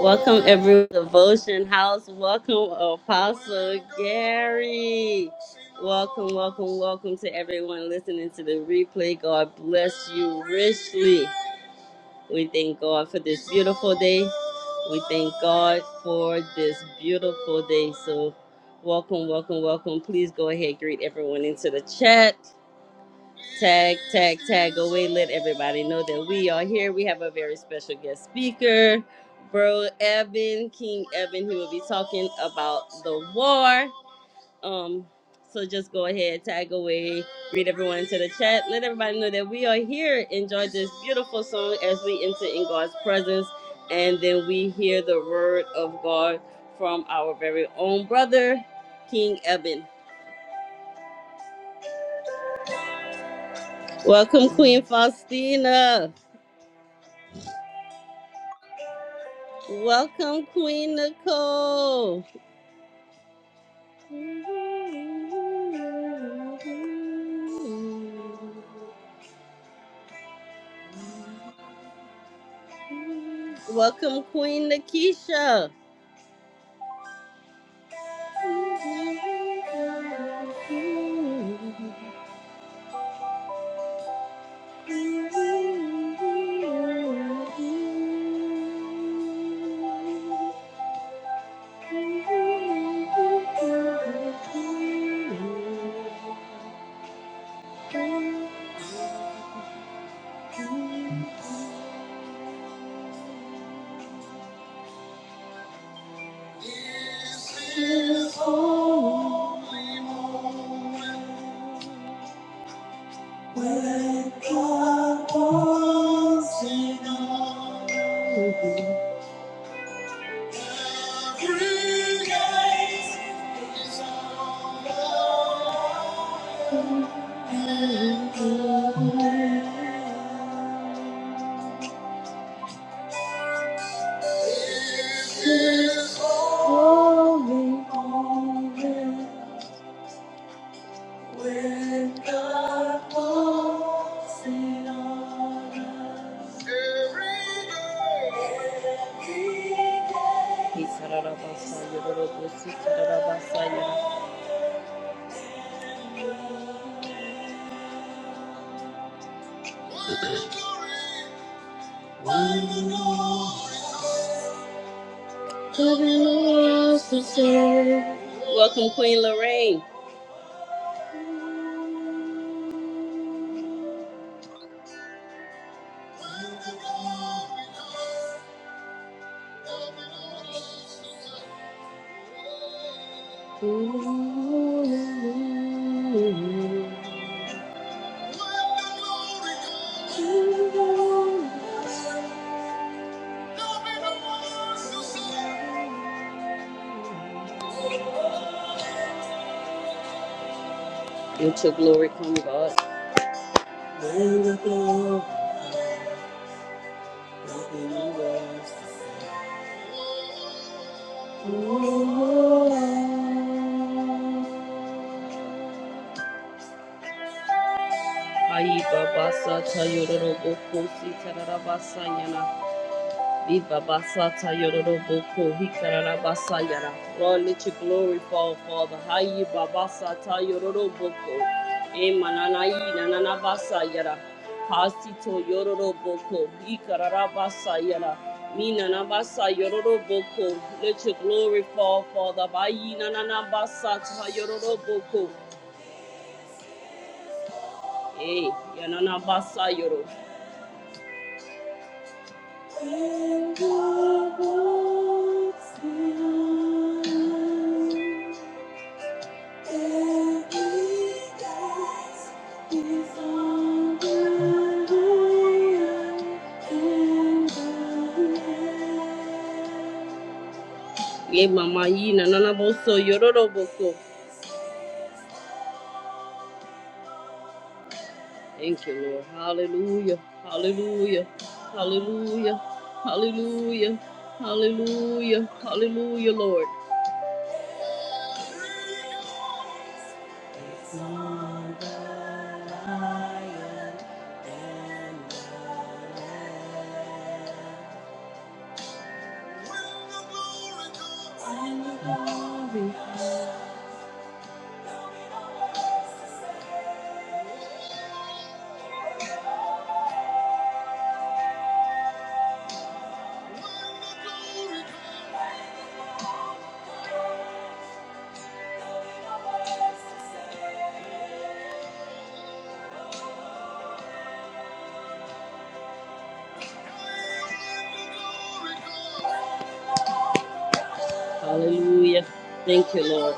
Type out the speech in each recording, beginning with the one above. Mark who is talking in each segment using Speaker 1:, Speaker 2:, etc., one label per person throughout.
Speaker 1: Welcome everyone Devotion House. Welcome Apostle Gary. Welcome, welcome, welcome to everyone listening to the replay. God bless you richly. We thank God for this beautiful day. We thank God for this beautiful day. So welcome, welcome, welcome. Please go ahead, greet everyone into the chat. Tag, tag, tag away. Let everybody know that we are here. We have a very special guest speaker, Bro Evan, King Evan. He will be talking about the war. Um, so just go ahead, tag away, read everyone into the chat. Let everybody know that we are here. Enjoy this beautiful song as we enter in God's presence, and then we hear the word of God from our very own brother, King Evan. Welcome, Queen Faustina. Welcome, Queen Nicole. Welcome, Queen Nakisha. This is holy moment when God comes in all. Every gate is open and good. This is holy moment. When God walks in on us every day, every day. He kararabasa yororobosi kararabasa ya. Glory loves the soul. Welcome, Queen Lorraine. Let your glory come, God. Ayi babasa tayororo bokosi tararabasa yana. Ibabasata yororoboko hikararabasa yara. Lord, let your glory fall, Father. Hayi babasata yororoboko. Emananayi nananabasa yara. Hasito yororoboko hikararabasa yara. Minanabasa yororoboko. Let your glory fall, Father. Bayi nananabasata yororoboko. Eh, yananabasa yoro. And God walks beyond every task. He's on the lion and the lamb. Yeah, Mama Yina, Nanaboso, Yoroboko. Thank you, Lord. Hallelujah. Hallelujah. Hallelujah. Hallelujah. Hallelujah. Hallelujah, Lord. Hallelujah. Thank you, Lord.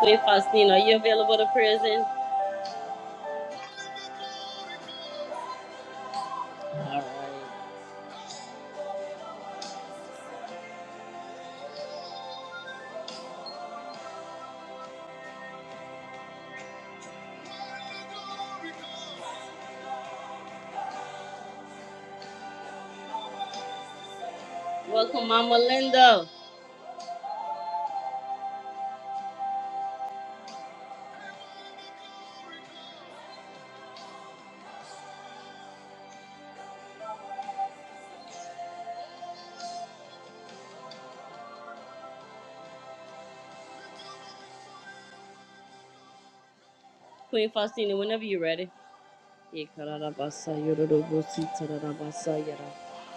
Speaker 1: Queen Faustina, are you available to prison? All right. Welcome, Mama Linda. Queen Faustina, whenever you're ready.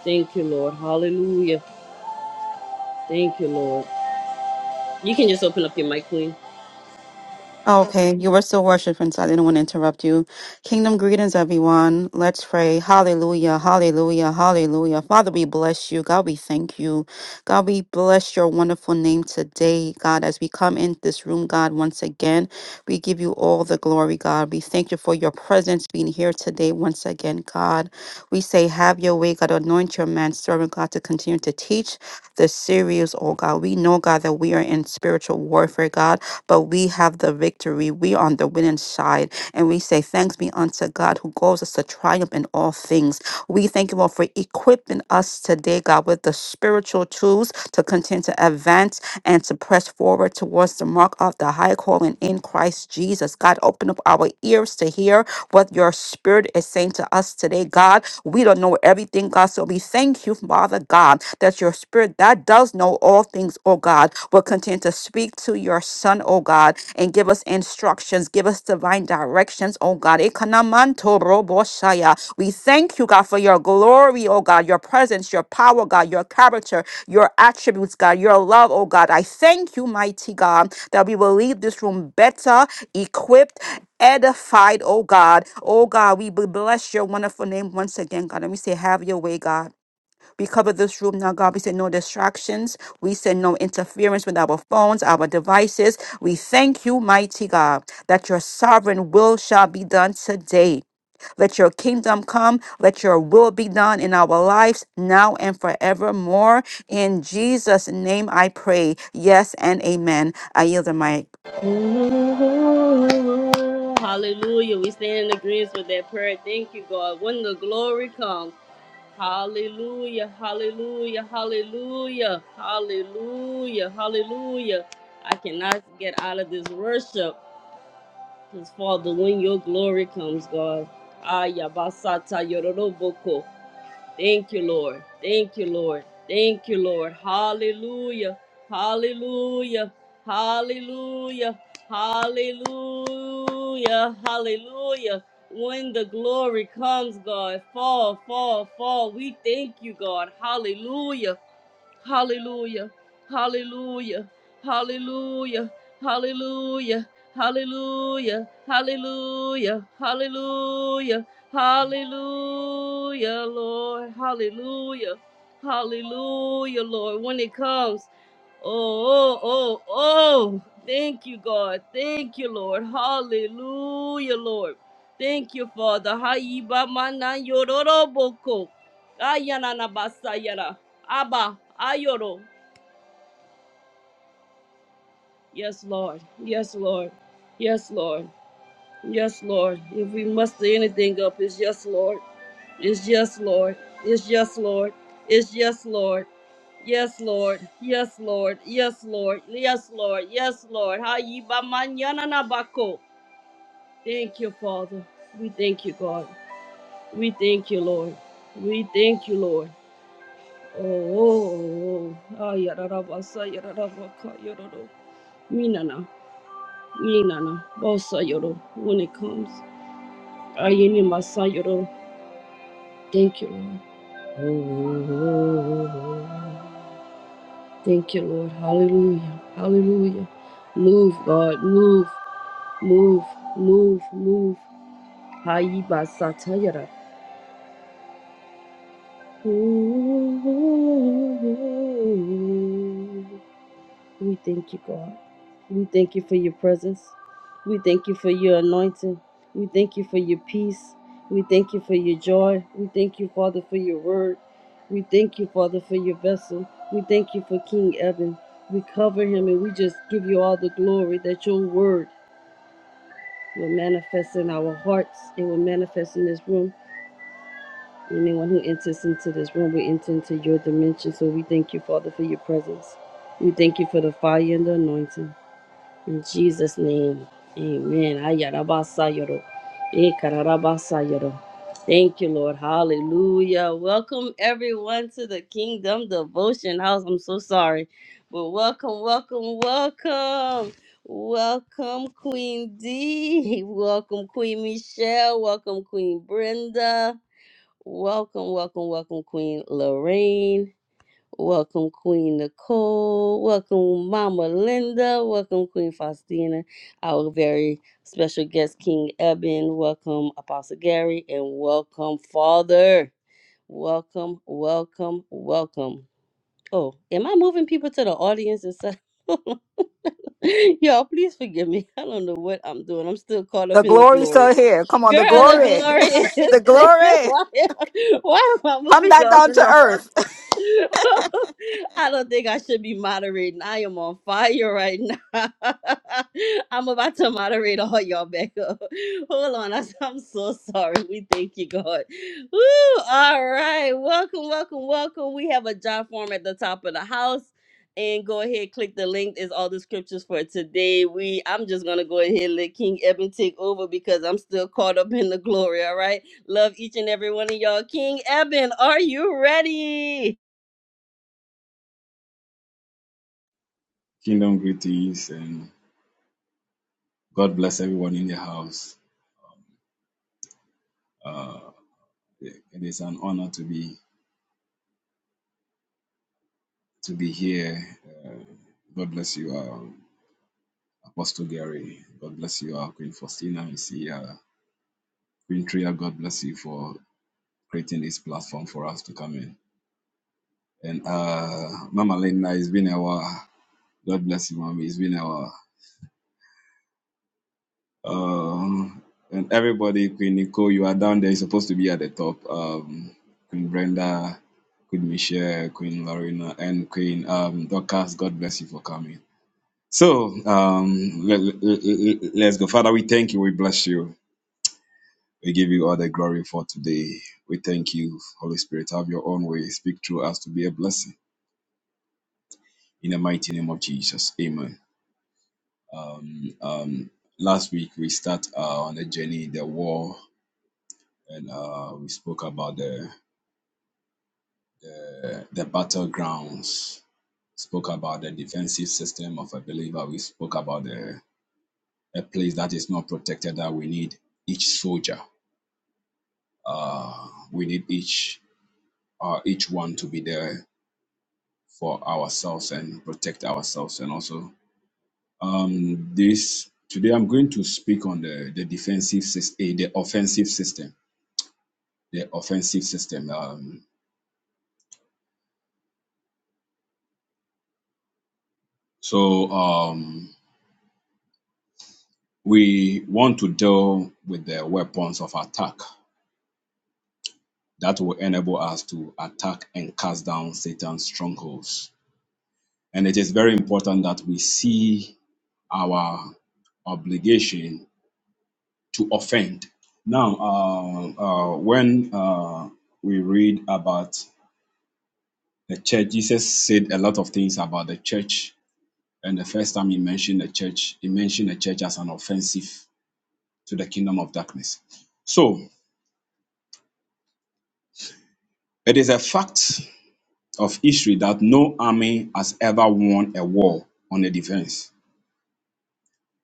Speaker 1: Thank you, Lord. Hallelujah. Thank you, Lord. You can just open up your mic, Queen.
Speaker 2: Oh, okay, you were still worshiping, so I didn't want to interrupt you. Kingdom greetings, everyone. Let's pray. Hallelujah, hallelujah, hallelujah. Father, we bless you. God, we thank you. God, we bless your wonderful name today, God, as we come in this room, God, once again. We give you all the glory, God. We thank you for your presence being here today, once again, God. We say, have your way, God. Anoint your man, servant, God, to continue to teach the series, oh God. We know, God, that we are in spiritual warfare, God but we have the victory. We are on the winning side. And we say, Thanks be unto God who calls us to triumph in all things. We thank you, Lord, for equipping us today, God, with the spiritual tools to continue to advance and to press forward towards the mark of the high calling in Christ Jesus. God, open up our ears to hear what your spirit is saying to us today, God. We don't know everything, God. So we thank you, Father God, that your spirit that does know all things, oh God, will continue to speak to your son, oh God, and give us instructions, give us divine directions, oh God. Ekanamanto roboshaya. We thank you, God, for your glory glory, oh God, your presence, your power, God, your character, your attributes, God, your love, oh God. I thank you, mighty God, that we will leave this room better, equipped, edified, oh God. Oh God, we bl- bless your wonderful name once again, God. And we say, have your way, God. We cover this room now, God. We say no distractions. We say no interference with our phones, our devices. We thank you, mighty God, that your sovereign will shall be done today. Let your kingdom come. Let your will be done in our lives now and forevermore. In Jesus' name I pray. Yes and amen. I yield the mic.
Speaker 1: hallelujah. We stand in agreement with that prayer. Thank you, God. When the glory comes. Hallelujah. Hallelujah. Hallelujah. Hallelujah. Hallelujah. I cannot get out of this worship. Because, Father, when your glory comes, God. Ayabasata yororoboko. Thank you, Lord. Thank you, Lord. Thank you, Lord. Hallelujah. Hallelujah. Hallelujah. Hallelujah. Hallelujah. When the glory comes, God, fall, fall, fall. We thank you, God. Hallelujah. Hallelujah. Hallelujah. Hallelujah. Hallelujah. Hallelujah. Hallelujah. Hallelujah. Hallelujah, Lord. Hallelujah. Hallelujah, Lord. When it comes, oh, oh, oh, oh. Thank you, God. Thank you, Lord. Hallelujah, Lord. Thank you, Father. Hayibamana yororoboko. Ayanana basayara. Abba, Ayoro. Yes, Lord. Yes, Lord. Yes, Lord. Yes, Lord. If we muster anything up, it's yes, Lord. It's yes, Lord. It's yes, Lord. It's yes, Lord. Yes, Lord. Yes, Lord. Yes, Lord. Yes, Lord. Yes, Lord. Hayi ba manyana na Thank you, Father. We thank you, God. We thank you, Lord. We thank you, Lord. Oh, oh, oh. oh. Ah, yararabasa, yararabaka, yararo. Minana. Yinana, Bosayoro, when it comes. Ayini Masayoro. Thank you, Lord. Thank you, Lord. Hallelujah. Hallelujah. Move, God. Move, move, move, move. Hayiba Satayara. We thank you, God. We thank you for your presence. We thank you for your anointing. We thank you for your peace. We thank you for your joy. We thank you, Father, for your word. We thank you, Father, for your vessel. We thank you for King Evan. We cover him and we just give you all the glory that your word will manifest in our hearts. It will manifest in this room. Anyone who enters into this room will enter into your dimension. So we thank you, Father, for your presence. We thank you for the fire and the anointing. In Jesus' name, amen. Ayarabasayoro, ekararabasayoro. Thank you, Lord. Hallelujah. Welcome, everyone, to the Kingdom Devotion House. I'm so sorry, but welcome, welcome, welcome. Welcome, Queen D. Welcome, Queen Michelle. Welcome, Queen Brenda. Welcome, welcome, welcome, Queen Lorraine. Welcome, Queen Nicole. Welcome, Mama Linda. Welcome, Queen Faustina. Our very special guest, King Eben. Welcome, Apostle Gary. And welcome, Father. Welcome, welcome, welcome. Oh, am I moving people to the audience instead? Y'all, please forgive me. I don't know what I'm doing. I'm still caught
Speaker 2: The
Speaker 1: up in the
Speaker 2: glory's
Speaker 1: glory.
Speaker 2: still here. Come on, the
Speaker 1: Girl, the
Speaker 2: glory.
Speaker 1: glory is
Speaker 2: the
Speaker 1: there.
Speaker 2: glory.
Speaker 1: Why am I, why am I
Speaker 2: Come
Speaker 1: moving
Speaker 2: back
Speaker 1: y'all
Speaker 2: down
Speaker 1: in the
Speaker 2: to
Speaker 1: audience?
Speaker 2: earth.
Speaker 1: I don't think I should be moderating. I am on fire right now. I'm about to moderate all y'all back up. Hold on. I- I'm so sorry. We thank you, God. Woo! All right. Welcome, welcome, welcome. We have a job form at the top of the house. And go ahead, click the link. Is all the scriptures for today. We I'm just gonna go ahead and let King Eben take over because I'm still caught up in the glory. All right. Love each and every one of y'all. King Eben, are you ready?
Speaker 3: Kingdom greetings and God bless everyone in the house. Uh, it is an honor to be to be here. God bless you, uh, Apostle Gary. God bless you, uh, Queen Faustina. You see, uh, Queen Tria. God bless you for creating this platform for us to come in. And uh, Mama Linda, it's been a while. God bless you, Mommy. It's been a while. Um, and everybody, Queen Nicole, you are down there. You're supposed to be at the top. Um, Queen Brenda, Queen Michelle, Queen Lorena, and Queen um, Dorcas, God bless you for coming. So um, let, us go. Father, we thank you. We bless you. We give you all the glory for today. We thank you, Holy Spirit. Have your own way. Speak through us to be a blessing. In the mighty name of Jesus. Amen. Um, um, last week, we start uh, on the journey, the war. and uh, we spoke about the the battlegrounds. Spoke about the defensive system of a believer. We spoke about the a place that is not protected. That we need each soldier. Uh, we need each uh, each one to be there for ourselves and protect ourselves. And also um, this today, I'm going to speak on the the defensive system, the offensive system, the offensive system. Um, so um, We want to deal with the weapons of attack that will enable us to attack and cast down Satan's strongholds. And it is very important that we see our obligation to offend. Now, uh, uh, when uh, we read about the church, Jesus said a lot of things about the church. And the first time he mentioned the church, he mentioned the church as an offensive to the kingdom of darkness. So it is a fact of history that no army has ever won a war on a defense.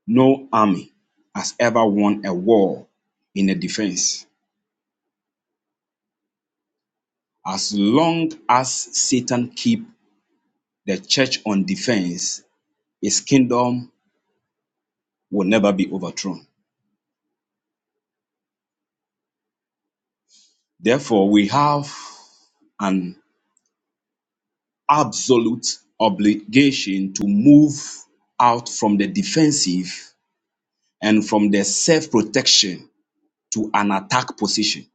Speaker 3: No army has ever won a war in a defense. As long as Satan keep the church on defense, his kingdom will never be overthrown. Therefore, we have an absolute obligation to move out from the defensive and from the self protection to an attack position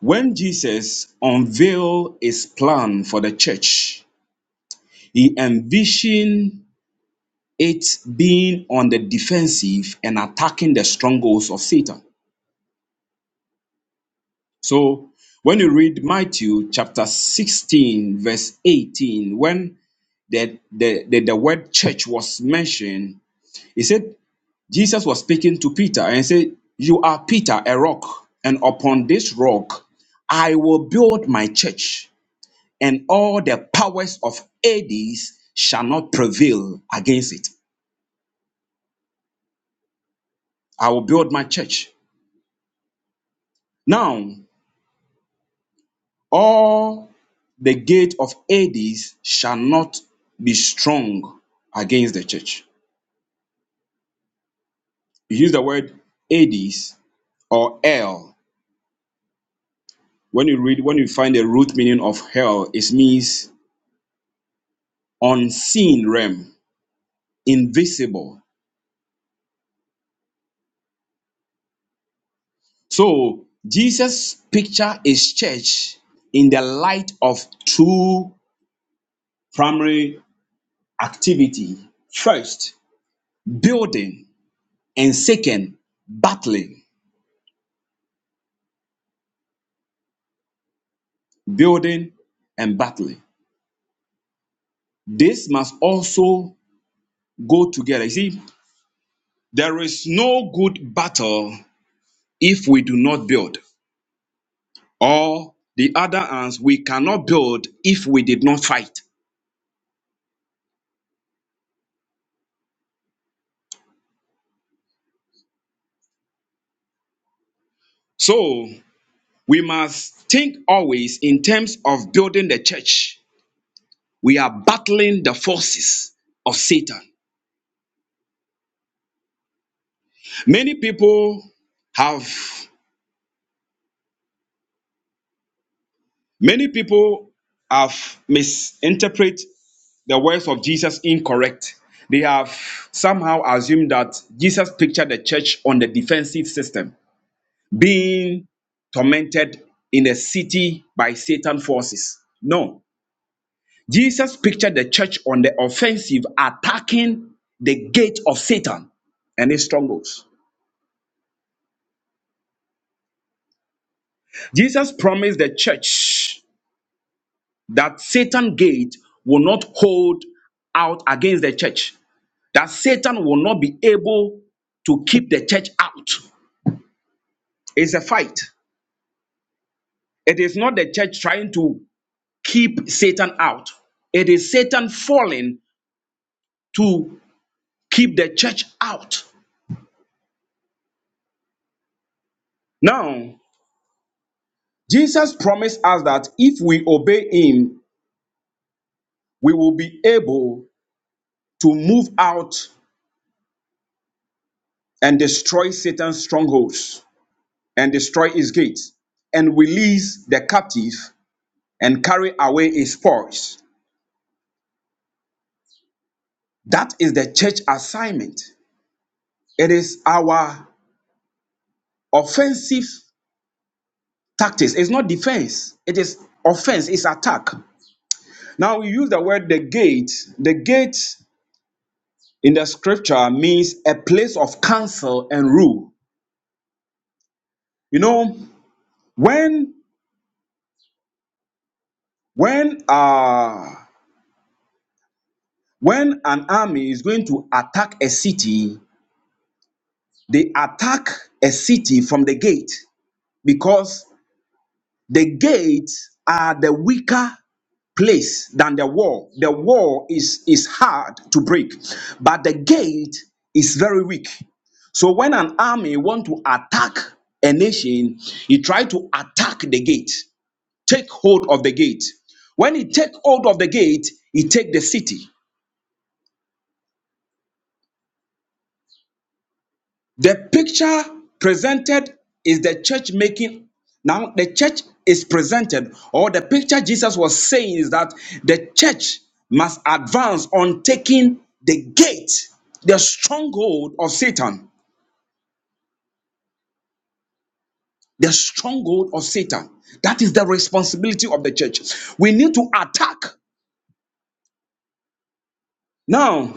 Speaker 3: When Jesus unveiled his plan for the church, he envisioned it being on the defensive and attacking the strongholds of Satan. So when you read Matthew chapter 16, verse 18, when the, the, the, the word church was mentioned, he said, Jesus was speaking to Peter and he said, You are Peter, a rock, and upon this rock I will build my church and all the powers of Hades shall not prevail against it. I will build my church. Now, all the gate of Hades shall not be strong against the church. You use the word Hades or hell. When you read, when you find the root meaning of hell, it means unseen realm, invisible. So Jesus picture his church in the light of two primary activity. First, building, and second, battling. Building and battling. This must also go together. You see, there is no good battle if we do not build, or the other hands, we cannot build if we did not fight. So, we must think always in terms of building the church. We are battling the forces of Satan. Many people have Many people have misinterpreted the words of Jesus incorrect. They have somehow assumed that Jesus pictured the church on the defensive system, being tormented in a city by Satan forces. No. Jesus pictured the church on the offensive, attacking the gate of Satan and his strongholds. Jesus promised the church that Satan gate will not hold out against the church. that Satan will not be able to keep the church out. It's a fight. It is not the church trying to keep Satan out, it is Satan falling to keep the church out. Now, Jesus promised us that if we obey him, we will be able to move out and destroy Satan's strongholds and destroy his gates and release the captive and carry away his spoils. That is the church assignment. It is our offensive tactics. It's not defense. It is offense. It's attack. Now we use the word the gate. The gate in the scripture means a place of counsel and rule. You know, when when uh when an army is going to attack a city, they attack a city from the gate because the gates are the weaker place than the wall. The wall is, is hard to break, but the gate is very weak. So when an army want to attack a nation, he try to attack the gate, take hold of the gate. When he take hold of the gate, he take the city. The picture presented is the church making. Now, the church is presented, or the picture Jesus was saying is that the church must advance on taking the gate, the stronghold of Satan. The stronghold of Satan. That is the responsibility of the church. We need to attack. Now,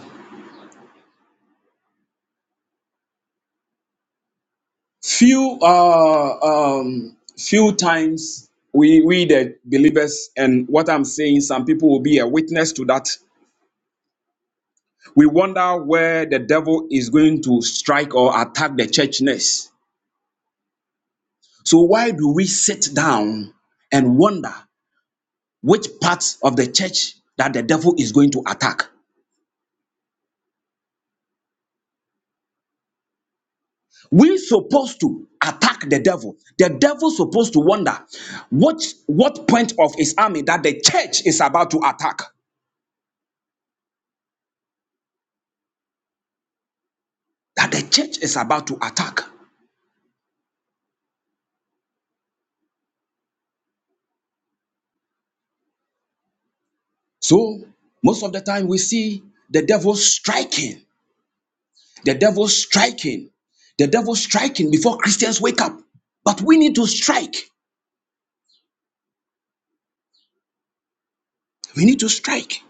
Speaker 3: few uh, um, few times we we the believers and what I'm saying, some people will be a witness to that we wonder where the devil is going to strike or attack the church next. So, why do we sit down and wonder which parts of the church that the devil is going to attack? We're supposed to attack the devil. The devil's supposed to wonder what, what point of his army that the church is about to attack. That the church is about to attack. So, most of the time, we see the devil striking The devil striking. The devil striking before Christians wake up. But we need to strike. We need to strike.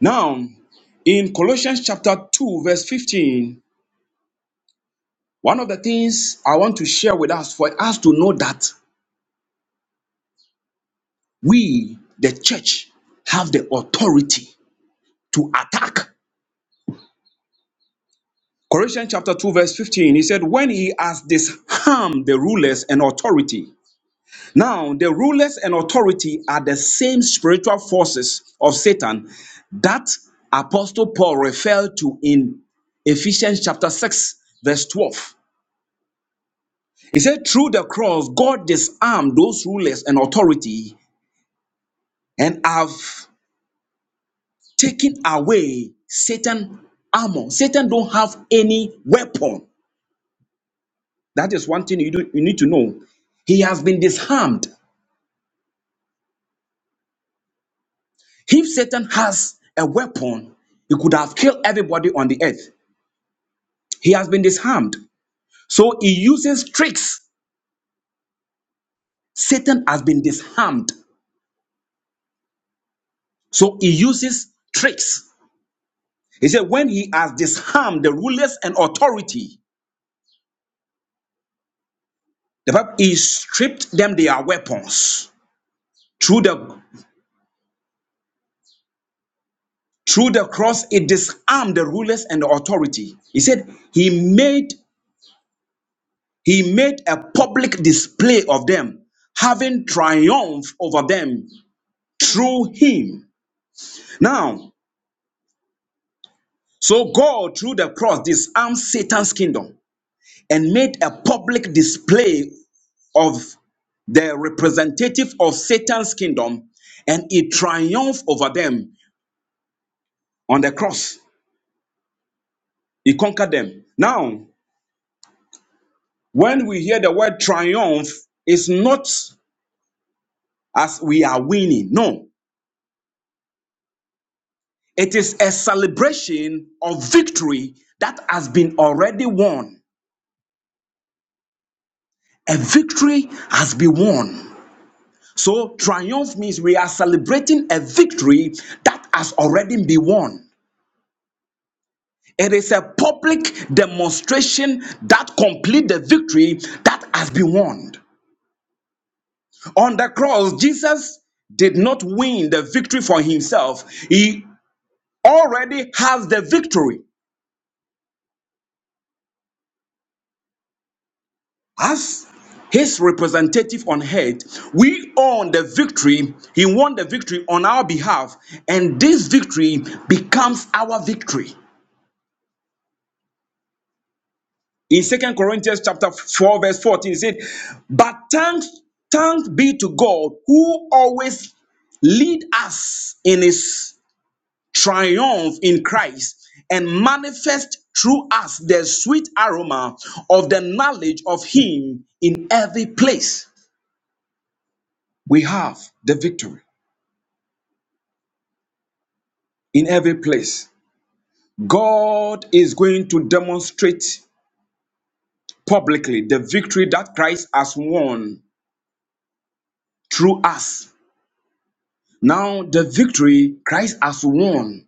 Speaker 3: Now, in Colossians chapter 2, verse fifteen, one of the things I want to share with us for us to know that we, the church, have the authority to attack. Colossians chapter 2, verse 15, he said, When he has disarmed the rulers and authority, Now, the rulers and authority are the same spiritual forces of Satan that Apostle Paul referred to in Ephesians chapter 6, verse 12. He said, Through the cross, God disarmed those rulers and authority and have taken away Satan armor. Satan don't have any weapon. That is one thing you, do, you need to know. He has been disarmed. If Satan has a weapon, he could have killed everybody on the earth. He has been disarmed. So he uses tricks. Satan has been disarmed. So he uses tricks. He said, when he has disarmed the rulers and authority, the Bible, he stripped them their weapons. Through the through the cross, he disarmed the rulers and the authority. He said, He made he made a public display of them, having triumph over them through him. Now, So God, through the cross, disarmed Satan's kingdom and made a public display of the representative of Satan's kingdom, and he triumphed over them on the cross. He conquered them. Now, when we hear the word triumph, it's not as we are winning. No, it is a celebration of victory that has been already won. A victory has been won. So, triumph means we are celebrating a victory that has already been won. It is a public demonstration that complete the victory that has been won. On the cross, Jesus did not win the victory for himself. He already has the victory. As his representative on earth, we own the victory. He won the victory on our behalf, and this victory becomes our victory. In Second Corinthians chapter 4, verse 14, it said, But thanks, thanks be to God who always lead us in his triumph in Christ and manifest through us the sweet aroma of the knowledge of him in every place. We have the victory in every place. God is going to demonstrate publicly the victory that Christ has won through us Now the victory Christ has won.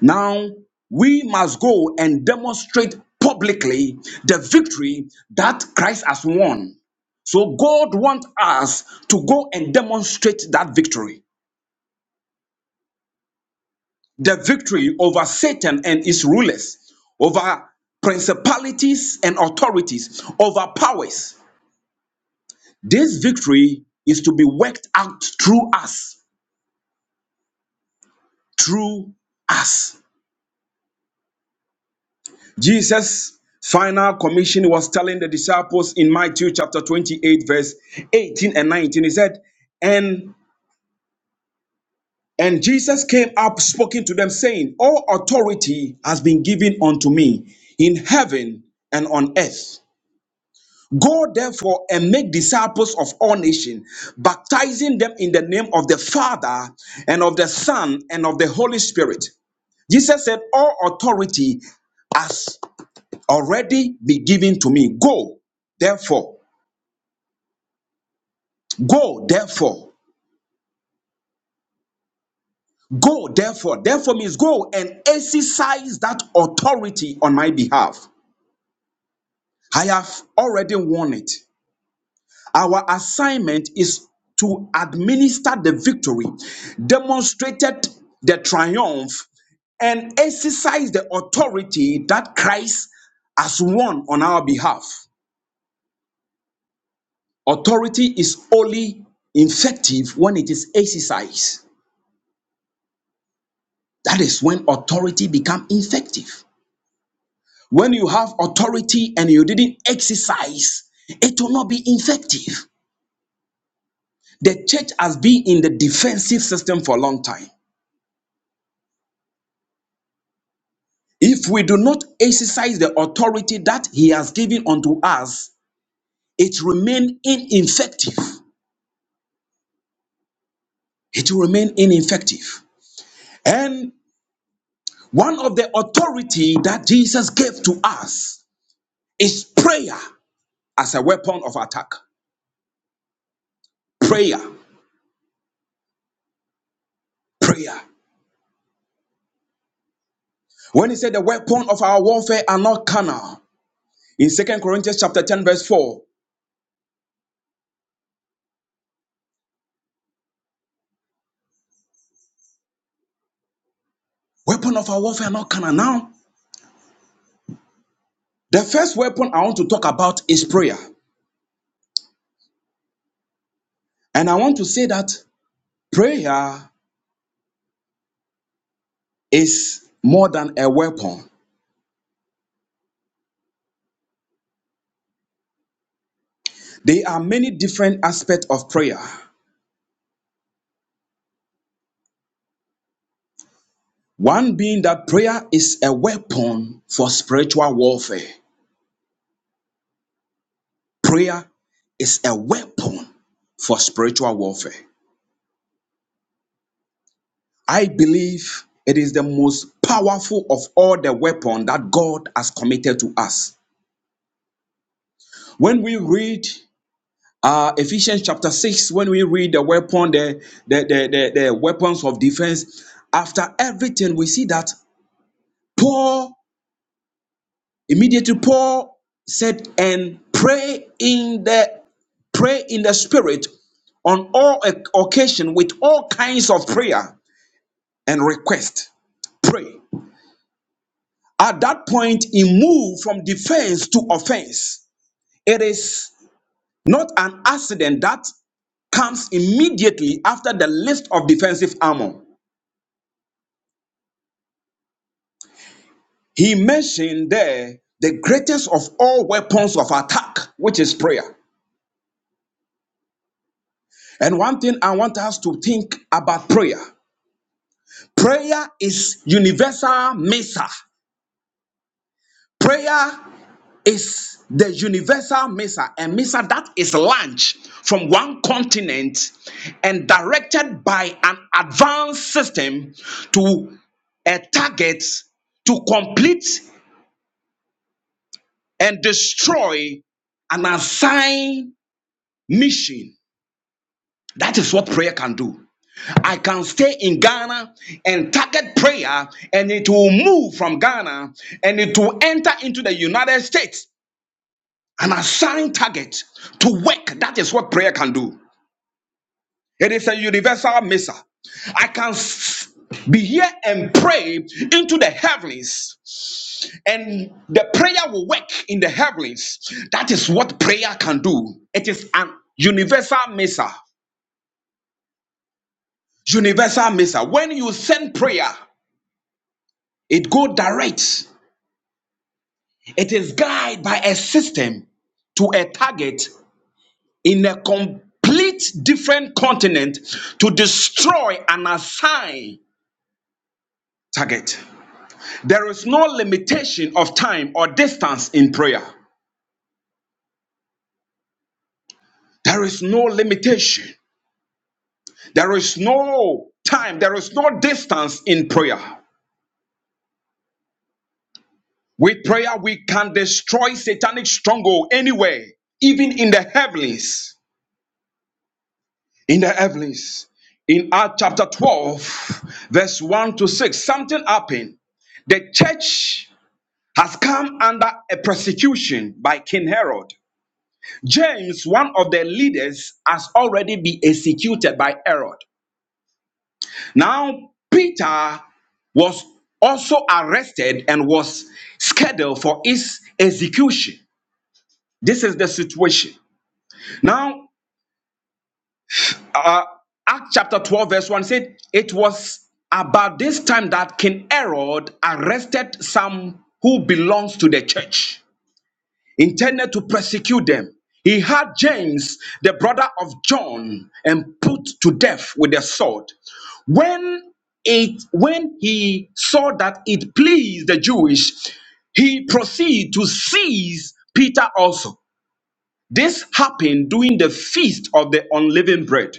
Speaker 3: Now we must go and demonstrate publicly the victory that Christ has won. So God wants us to go and demonstrate that victory. The victory over Satan and his rulers, over principalities and authorities, over powers. This victory is to be worked out through us, through us. Jesus' final commission was telling the disciples in Matthew chapter 28, verse 18 and 19. He said, And and Jesus came up speaking to them, saying, All authority has been given unto me in heaven and on earth. Go therefore and make disciples of all nations, baptizing them in the name of the Father and of the Son and of the Holy Spirit. Jesus said, All authority has already be given to me. Go, therefore, go, therefore, go, therefore. Therefore means go and exercise that authority on my behalf. I have already won it. Our assignment is to administer the victory, demonstrated the triumph, and exercise the authority that Christ has won on our behalf. Authority is only effective when it is exercised. That is when authority become effective. When you have authority and you didn't exercise, it will not be effective. The church has been in the defensive system for a long time. If we do not exercise the authority that he has given unto us, it remain ineffective. It will remain ineffective. And one of the authority that Jesus gave to us is prayer as a weapon of attack. Prayer, prayer. When he said the weapon of our warfare are not carnal, in Second Corinthians chapter 10, verse 4, weapon of our warfare are not carnal. Now, the first weapon I want to talk about is prayer. And I want to say that prayer is more than a weapon. There are many different aspects of prayer. One being that prayer is a weapon for spiritual warfare. Prayer is a weapon for spiritual warfare. I believe it is the most powerful of all the weapon that God has committed to us. When we read uh, Ephesians chapter 6, when we read the weapon, the, the, the, the, the weapons of defense, after everything, we see that Paul, immediately Paul said, and pray in the pray in the spirit on all occasion with all kinds of prayer and request. Pray. At that point, he moved from defense to offense. It is not an accident that comes immediately after the list of defensive armor. He mentioned there the greatest of all weapons of attack, which is prayer. And one thing I want us to think about prayer prayer is universal mesa. Prayer is the universal missile, a missile that is launched from one continent and directed by an advanced system to a target to complete and destroy an assigned mission. That is what prayer can do. I can stay in Ghana and target prayer, and it will move from Ghana and it will enter into the United States an assigned target to work. That is what prayer can do. It is a universal missile. I can s- be here and pray into the heavens, and the prayer will work in the heavens. That is what prayer can do. It is an universal missile. Universal missile. When you send prayer, it go direct. It is guided by a system to a target in a complete different continent to destroy an assigned target. There is no limitation of time or distance in prayer. There is no limitation. There is no time. There is no distance in prayer. With prayer, we can destroy satanic stronghold anywhere, even in the heavens. In the heavens. In Acts chapter 12, verse 1 to 6, something happened the church has come under a persecution by King Herod. James, one of the leaders, has already been executed by Herod. Now, Peter was also arrested and was scheduled for his execution. This is the situation. Now, uh, Acts chapter 12, verse 1 said, It was about this time that King Herod arrested some who belongs to the church intended to persecute them. He had James, the brother of John, and put to death with a sword. When it when he saw that it pleased the Jewish, he proceeded to seize Peter also. This happened during the feast of the unleavened bread.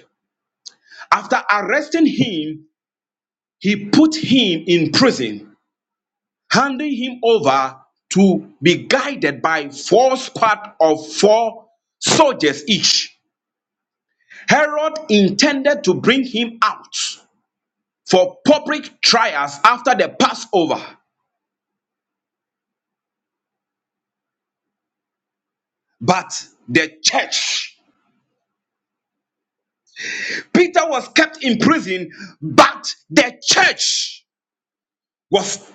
Speaker 3: After arresting him, he put him in prison handing him over to be guided by four squad of four soldiers each. Herod intended to bring him out for public trials after the Passover, but the church, Peter was kept in prison, but the church was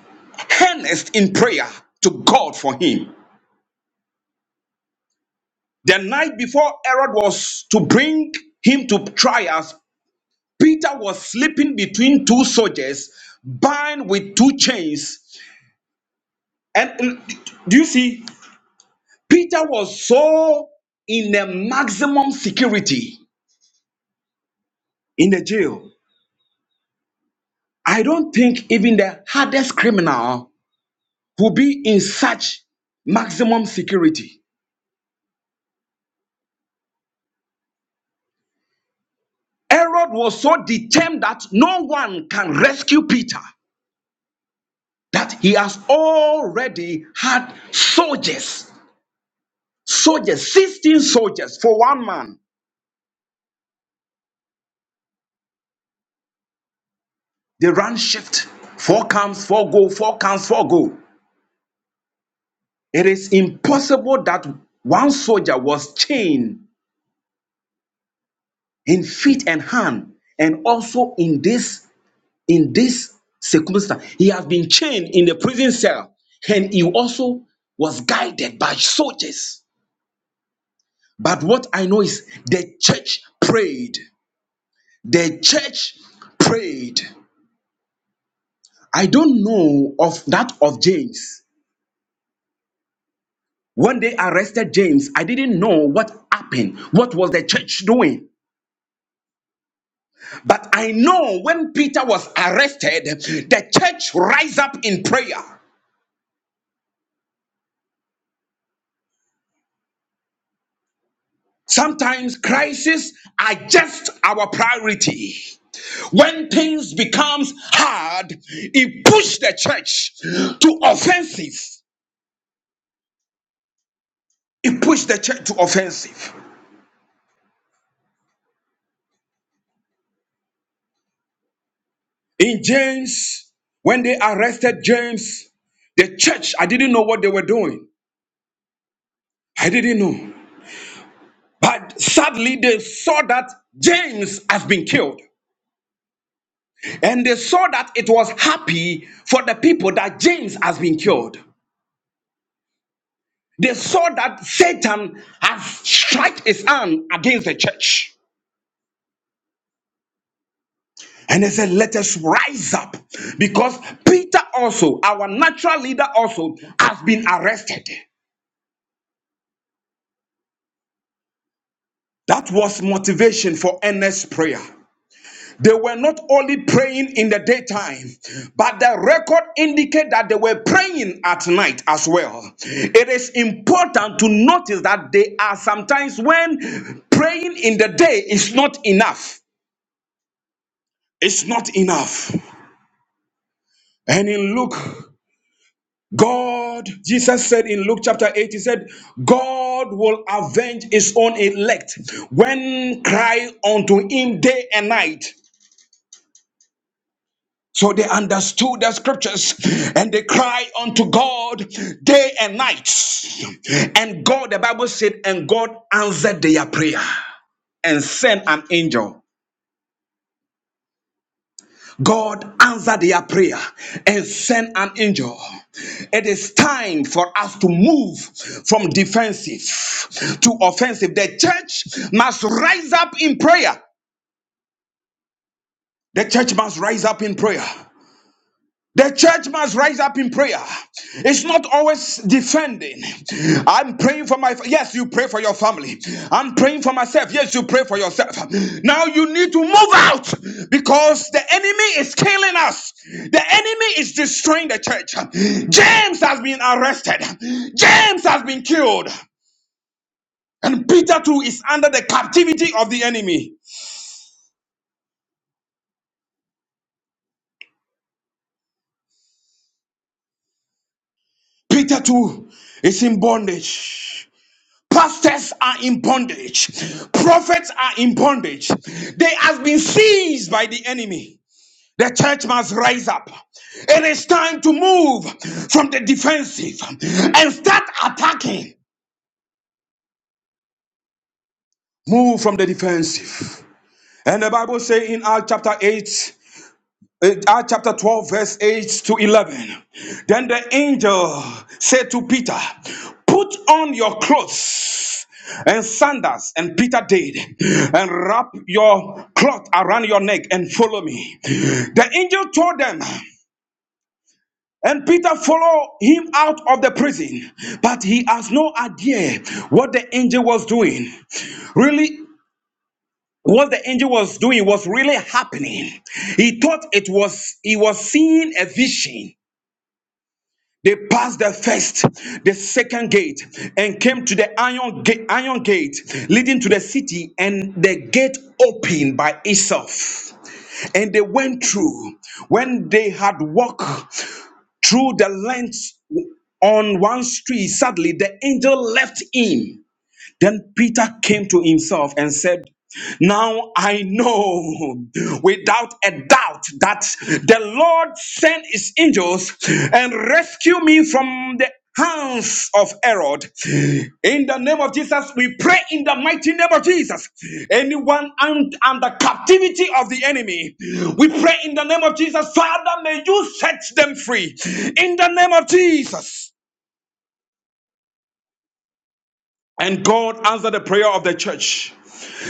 Speaker 3: earnest in prayer to God for him. The night before Herod was to bring him to trials, Peter was sleeping between two soldiers, bound with two chains. And mm, do you see? Peter was so in the maximum security in the jail. I don't think even the hardest criminal would be in such maximum security. Herod was so determined that no one can rescue Peter, that he has already had soldiers, soldiers, 16 soldiers for one man. They run shift. Four comes, four go, four comes, four go. It is impossible that one soldier was chained in feet and hand, and also in this in this circumstance, he has been chained in the prison cell, and he also was guided by soldiers. But what I know is the church prayed. The church prayed. I don't know of that of James, When they arrested James, I didn't know what happened. What was the church doing? But I know when Peter was arrested, the church rise up in prayer. Sometimes crises are just our priority. When things becomes hard, it pushed the church to offensive. It pushed the church to offensive. In James, when they arrested James, the church, I didn't know what they were doing. I didn't know. But sadly, they saw that James has been killed. And they saw that it was happy for the people that James has been killed. They saw that Satan has struck his hand against the church. And they said, Let us rise up. Because Peter also, our natural leader, also has been arrested. That was motivation for earnest prayer. They were not only praying in the daytime, but the record indicates that they were praying at night as well. It is important to notice that there are sometimes when praying in the day is not enough. It's not enough. And in Luke, God, Jesus said in Luke chapter 8, he said, God will avenge his own elect when cry unto him day and night. So they understood the scriptures and they cried unto God day and night. And God, the Bible said, and God answered their prayer and sent an angel. God answered their prayer and sent an angel. It is time for us to move from defensive to offensive. The church must rise up in prayer. The church must rise up in prayer. The church must rise up in prayer. It's not always defending. I'm praying for my yes, you pray for your family. I'm praying for myself. Yes, you pray for yourself. Now you need to move out because the enemy is killing us. The enemy is destroying the church. James has been arrested. James has been killed. And Peter too is under the captivity of the enemy. Peter too is in bondage. Pastors are in bondage. Prophets are in bondage. They have been seized by the enemy. The church must rise up. It is time to move from the defensive and start attacking. Move from the defensive. And the Bible says in Acts chapter 8, It- Acts chapter 12, verse 8 to 11. Then the angel said to Peter, Put on your clothes and sandals. And Peter did, and wrap your cloth around your neck and follow me. The angel told them, and Peter followed him out of the prison, but he has no idea what the angel was doing. Really, what the angel was doing was really happening. He thought it was, he was seeing a vision. They passed the first, the second gate, and came to the iron gate, iron gate leading to the city, and the gate opened by itself. And they went through. When they had walked through the length on one street, suddenly the angel left him then Peter came to himself and said, Now I know without a doubt that the Lord sent his angels and rescued me from the hands of Herod. In the name of Jesus, we pray in the mighty name of Jesus. Anyone un- under captivity of the enemy, we pray in the name of Jesus, Father, may you set them free. In the name of Jesus. And God answered the prayer of the church.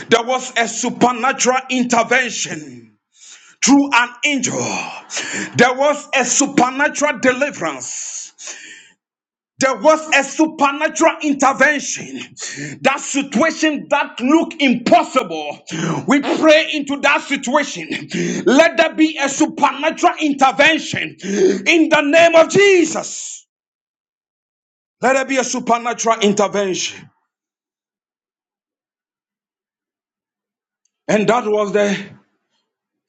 Speaker 3: There was a supernatural intervention through an angel. There was a supernatural deliverance. There was a supernatural intervention. That situation that looked impossible, we pray into that situation. Let there be a supernatural intervention in the name of Jesus. Let there be a supernatural intervention. And that was the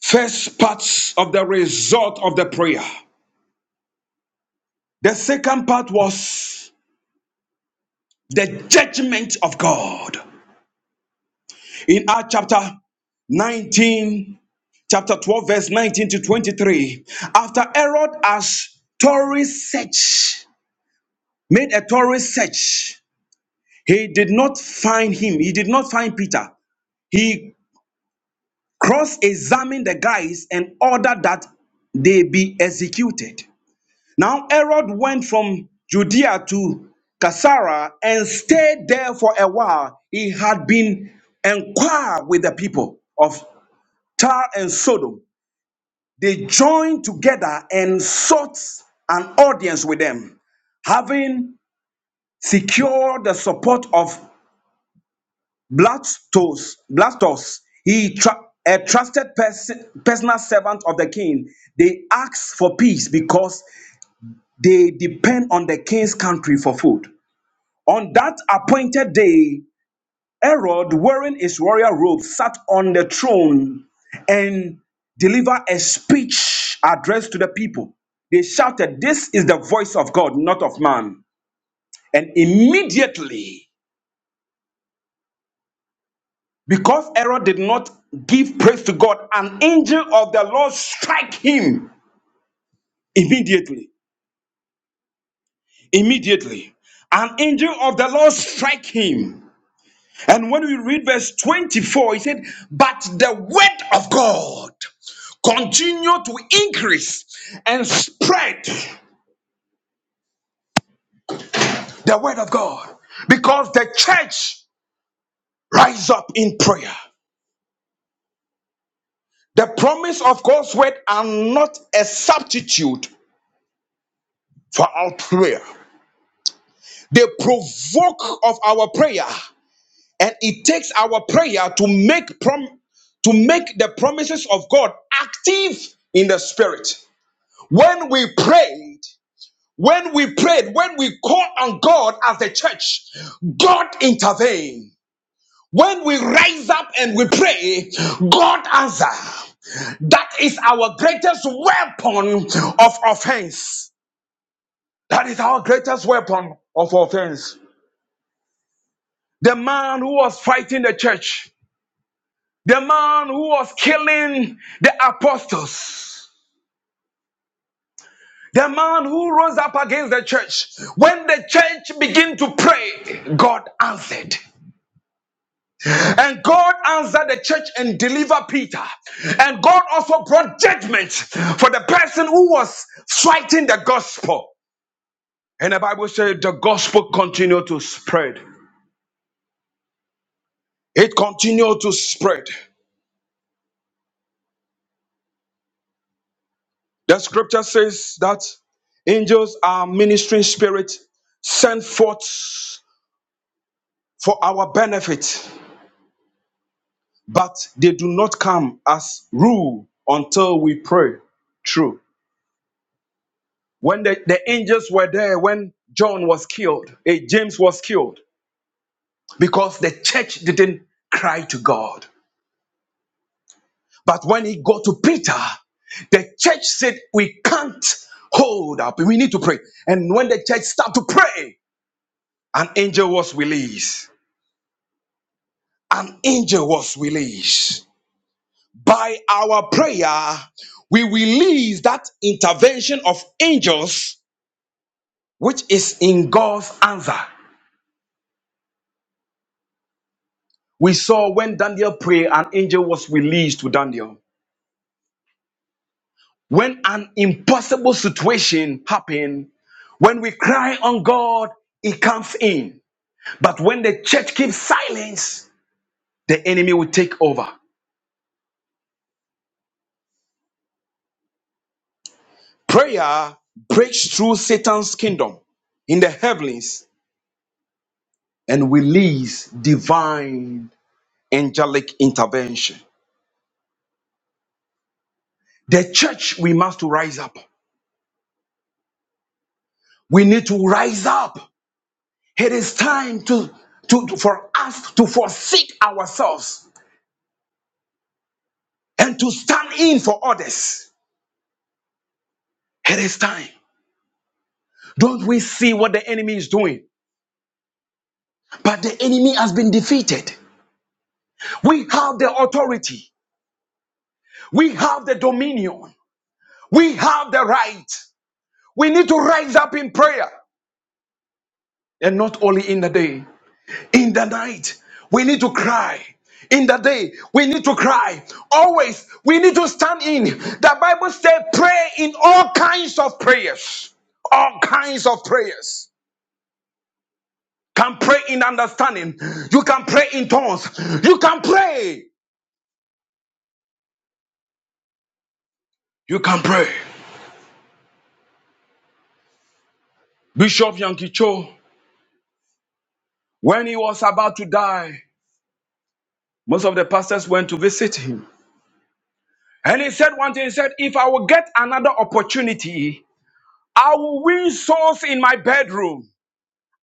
Speaker 3: First part of the result of the prayer. The second part was the judgment of God. In Acts chapter 19, chapter 12, verse 19 to 23, after Herod has thorough search, made a thorough search, he did not find him, he did not find Peter. He cross examined the guys and ordered that they be executed. Now Herod went from Judea to Caesarea and stayed there for a while. He had been enquire with the people of Tyre and Sodom. They joined together and sought an audience with them. Having secured the support of Blastus, Blastus he tra- a trusted person, personal servant of the king, they asked for peace because they depend on the king's country for food. On that appointed day, Herod, wearing his royal robe, sat on the throne and delivered a speech addressed to the people. They shouted, This is the voice of God, not of man. And immediately, because Herod did not give praise to God, an angel of the Lord strike him immediately. Immediately. An angel of the Lord strike him And when we read verse 24, he said, But the word of God continue to increase and spread the word of God because the church rise up in prayer. The promise of God's word are not a substitute for our prayer. They provoke of our prayer, and it takes our prayer to make prom- to make the promises of God active in the spirit. When we prayed, When we prayed, when we call on God as the church, God intervened. When we rise up and we pray, God answers. That is our greatest weapon of offense. That is our greatest weapon of offense. The man who was fighting the church, the man who was killing the apostles, the man who rose up against the church. When the church began to pray, God answered. And God answered the church and delivered Peter. And God also brought judgment for the person who was fighting the gospel. And the Bible said the gospel continued to spread. It continued to spread. The scripture says that angels are ministering spirits sent forth for our benefit, but they do not come as rule until we pray. True. When the, the angels were there, when John was killed, eh, James was killed, because the church didn't cry to God. But when he got to Peter, the church said, We can't hold up. We need to pray. And when the church started to pray, an angel was released. An angel was released. By our prayer, we release that intervention of angels, which is in God's answer. We saw when Daniel prayed, an angel was released to Daniel. When an impossible situation happened, when we cry on God, He comes in. But when the church keeps silence, the enemy will take over. Prayer breaks through Satan's kingdom in the heavens and release divine angelic intervention. The church, we must rise up. We need to rise up. It is time to, to, to- for us to forsake ourselves and to stand in for others. It is time. Don't we see what the enemy is doing? But the enemy has been defeated. We have the authority. We have the dominion. We have the right. We need to rise up in prayer and not only in the day. In the night, we need to cry. In the day, we need to cry. Always, we need to stand in. The Bible says, pray in all kinds of prayers. All kinds of prayers. Can pray in understanding. You can pray in tongues. You can pray. You can pray. Bishop Yankee Cho, when he was about to die, most of the pastors went to visit him. And he said one thing, he said, If I will get another opportunity, I will win souls in my bedroom.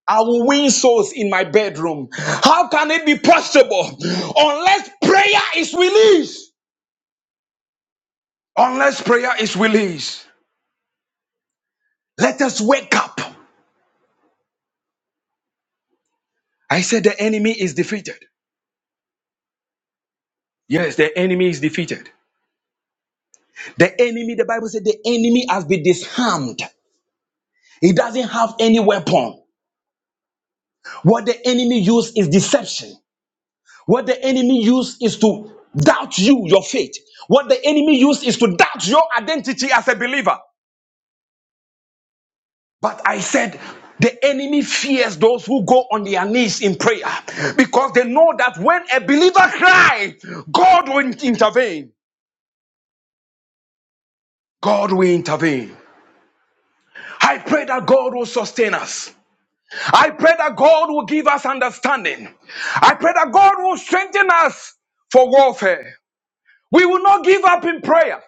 Speaker 3: I will win souls in my bedroom. How can it be possible unless prayer is released? Unless prayer is released. Let us wake up. I said the enemy is defeated. Yes, the enemy is defeated. The enemy, the Bible said the enemy has been disarmed. He doesn't have any weapon. What the enemy uses is deception. What the enemy uses is to doubt you, your faith. What the enemy uses is to doubt your identity as a believer. But I said, the enemy fears those who go on their knees in prayer because they know that when a believer cries, God will intervene. God will intervene. I pray that God will sustain us. I pray that God will give us understanding. I pray that God will strengthen us for warfare. We will not give up in prayer.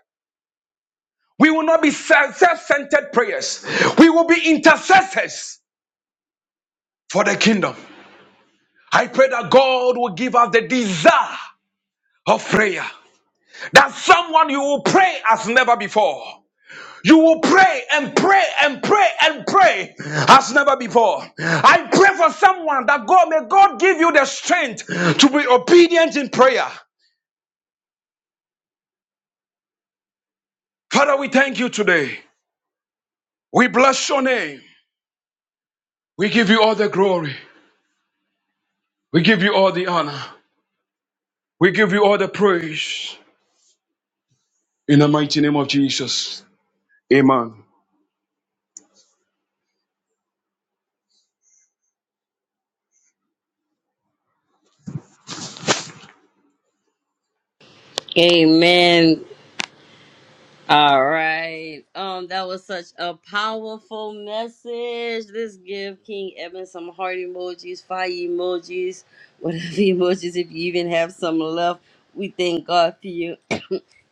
Speaker 3: We will not be self centered prayers. We will be intercessors for the kingdom. I pray that God will give us the desire of prayer. That someone you will pray as never before. You will pray and pray and pray and pray as never before. I pray for someone that God may God give you the strength to be obedient in prayer. Father, we thank you today. We bless your name. We give you all the glory. We give you all the honor. We give you all the praise. In the mighty name of Jesus. Amen.
Speaker 1: Amen. All right. Um, that was such a powerful message. Let's give King Evan some heart emojis, fire emojis, whatever emojis, if you even have some left. We thank God for you,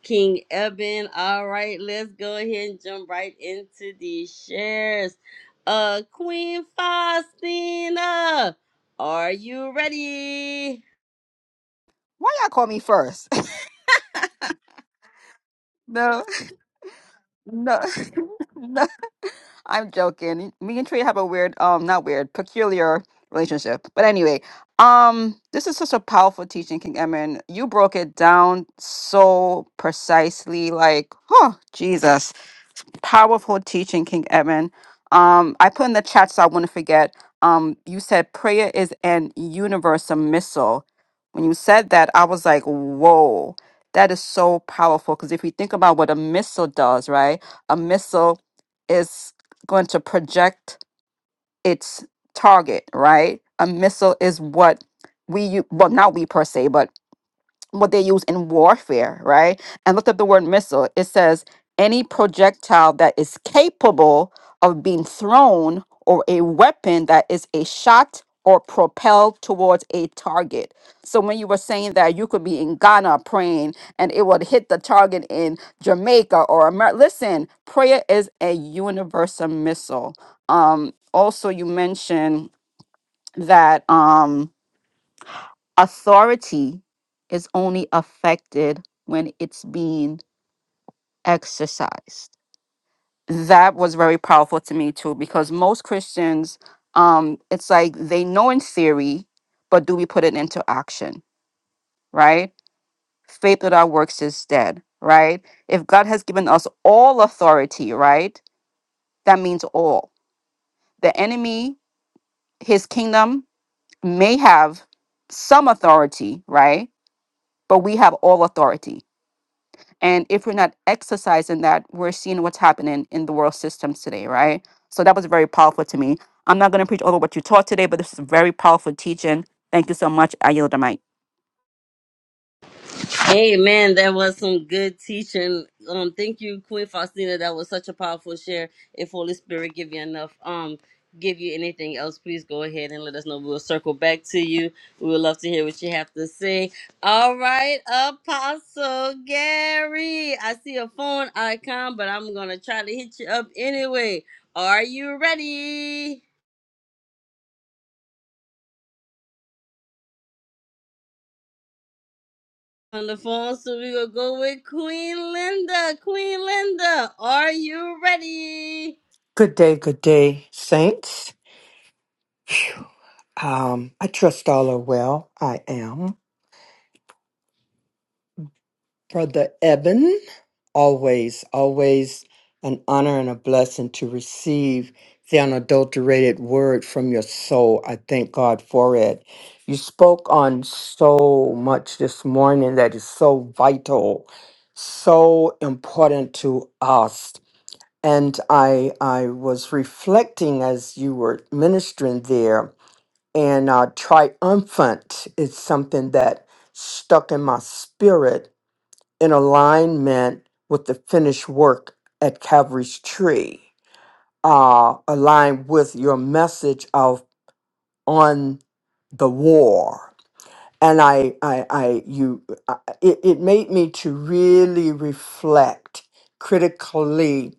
Speaker 1: King Eben. All right, let's go ahead and jump right into these shares. Uh, Queen Faustina, are you ready?
Speaker 2: Why y'all call me first? No, no, no. I'm joking. Me and Trey have a weird, um, not weird, peculiar relationship. But anyway, um, this is such a powerful teaching, King Emin. You broke it down so precisely, like, huh, Jesus powerful teaching, King Edmund. Um, I put in the chat so I wouldn't forget. Um, you said prayer is an universal missile. When you said that, I was like, whoa, that is so powerful. Because if you think about what a missile does, right? A missile is going to project its target, right? A missile is what we, u- well, not we per se, but what they use in warfare, right? And look up the word missile. It says any projectile that is capable of being thrown or a weapon that is a shot or propelled towards a target. So when you were saying that you could be in Ghana praying and it would hit the target in Jamaica or America, listen, prayer is a universal missile. Um, also, you mentioned that. Um, authority is only affected when it's being exercised. That was very powerful to me too, because most Christians, um, it's like they know in theory, but do we put it into action, right? Faith without works is dead, right? If God has given us all authority, right, that means all. The enemy, his kingdom, may have some authority, right? But we have all authority And if we're not exercising that, we're seeing what's happening in the world systems today, right? So that was very powerful to me. I'm not going to preach over what you taught today, but this is very powerful teaching. Thank you so much. I yield the mic.
Speaker 1: Hey man, that was some good teaching. Um, thank you, Queen Faustina. That was such a powerful share. If Holy Spirit give you enough, um, give you anything else, please go ahead and let us know. We'll circle back to you. We would love to hear what you have to say. All right, Apostle Gary. I see a phone icon, but I'm gonna try to hit you up anyway. Are you ready? On the phone, so we gonna go with Queen Linda. Queen Linda, are you ready?
Speaker 4: Good day, good day, saints. Phew. Um, I trust all are well. I am. Brother Eben, always, always an honor and a blessing to receive the unadulterated word from your soul. I thank God for it. You spoke on so much this morning that is so vital, so important to us. And I I was reflecting as you were ministering there and uh, triumphant is something that stuck in my spirit in alignment with the finished work at Calvary's tree, uh, aligned with your message of on the war. And I, I, I, you, I, it, it made me to really reflect critically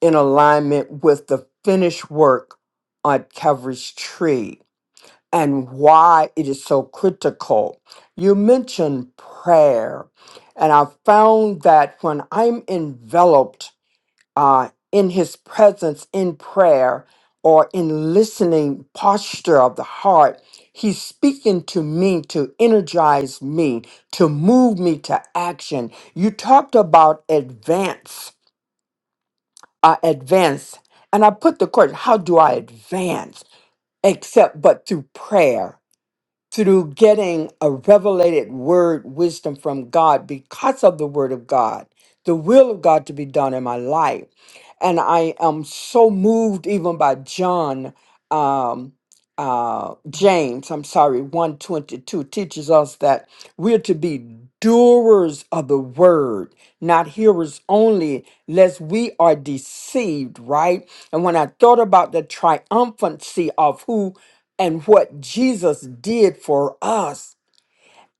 Speaker 4: in alignment with the finished work on Calvary's tree and why it is so critical. You mentioned prayer, and I found that when I'm enveloped uh, in His presence in prayer or in listening posture of the heart, He's speaking to me to energize me, to move me to action. You talked about advance, uh, advance, and I put the question: How do I advance? Except but through prayer through getting a revelated word wisdom from God because of the word of God, the will of God to be done in my life. And I am so moved even by John. Um, uh, James, I'm sorry, 122 teaches us that we're to be doers of the word, not hearers only, lest we are deceived, right? And when I thought about the triumphancy of who and what Jesus did for us,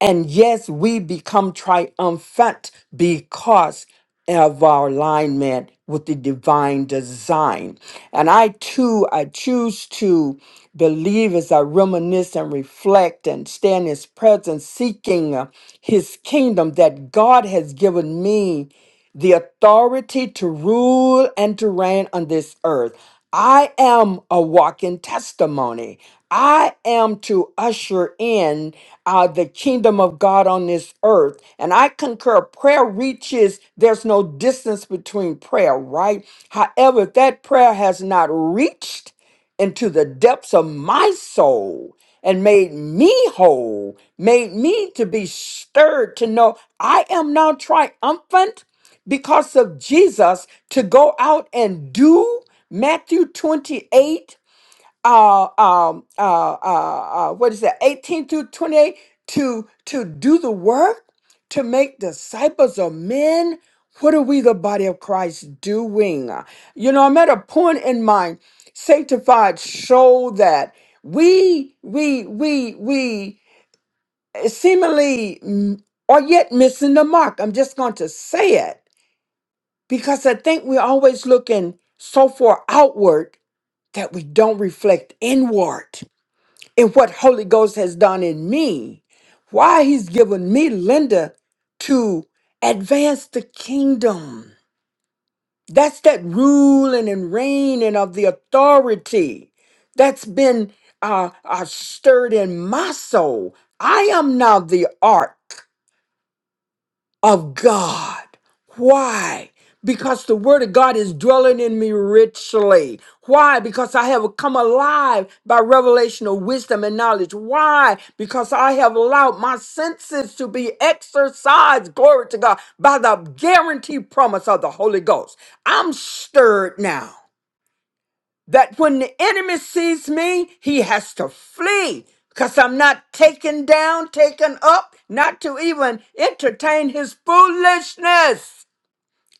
Speaker 4: and yes, we become triumphant because of our alignment with the divine design. And I too, I choose to believe as I reminisce and reflect and stand in his presence, seeking uh, his kingdom that God has given me the authority to rule and to reign on this earth. I am a walking testimony. I am to usher in uh, the kingdom of God on this earth. And I concur, prayer reaches, there's no distance between prayer, right? However, if that prayer has not reached into the depths of my soul and made me whole, made me to be stirred to know I am now triumphant because of Jesus to go out and do Matthew 28, uh, um, uh, uh, uh, what is that, 18 through 28, to, to do the work, to make disciples of men. What are we, the body of Christ, doing? You know, I'm at a point in my sanctified soul that we, we, we, we seemingly mm, are yet missing the mark. I'm just going to say it because I think we're always looking so far outward that we don't reflect inward in what Holy Ghost has done in me. Why he's given me Linda to advance the kingdom. That's that ruling and reigning of the authority that's been uh, uh, stirred in my soul. I am now the ark of God. Why? Because the word of God is dwelling in me richly. Why? Because I have come alive by revelation of wisdom and knowledge. Why? Because I have allowed my senses to be exercised, glory to God, by the guaranteed promise of the Holy Ghost. I'm stirred now that when the enemy sees me, he has to flee because I'm not taken down, taken up, not to even entertain his foolishness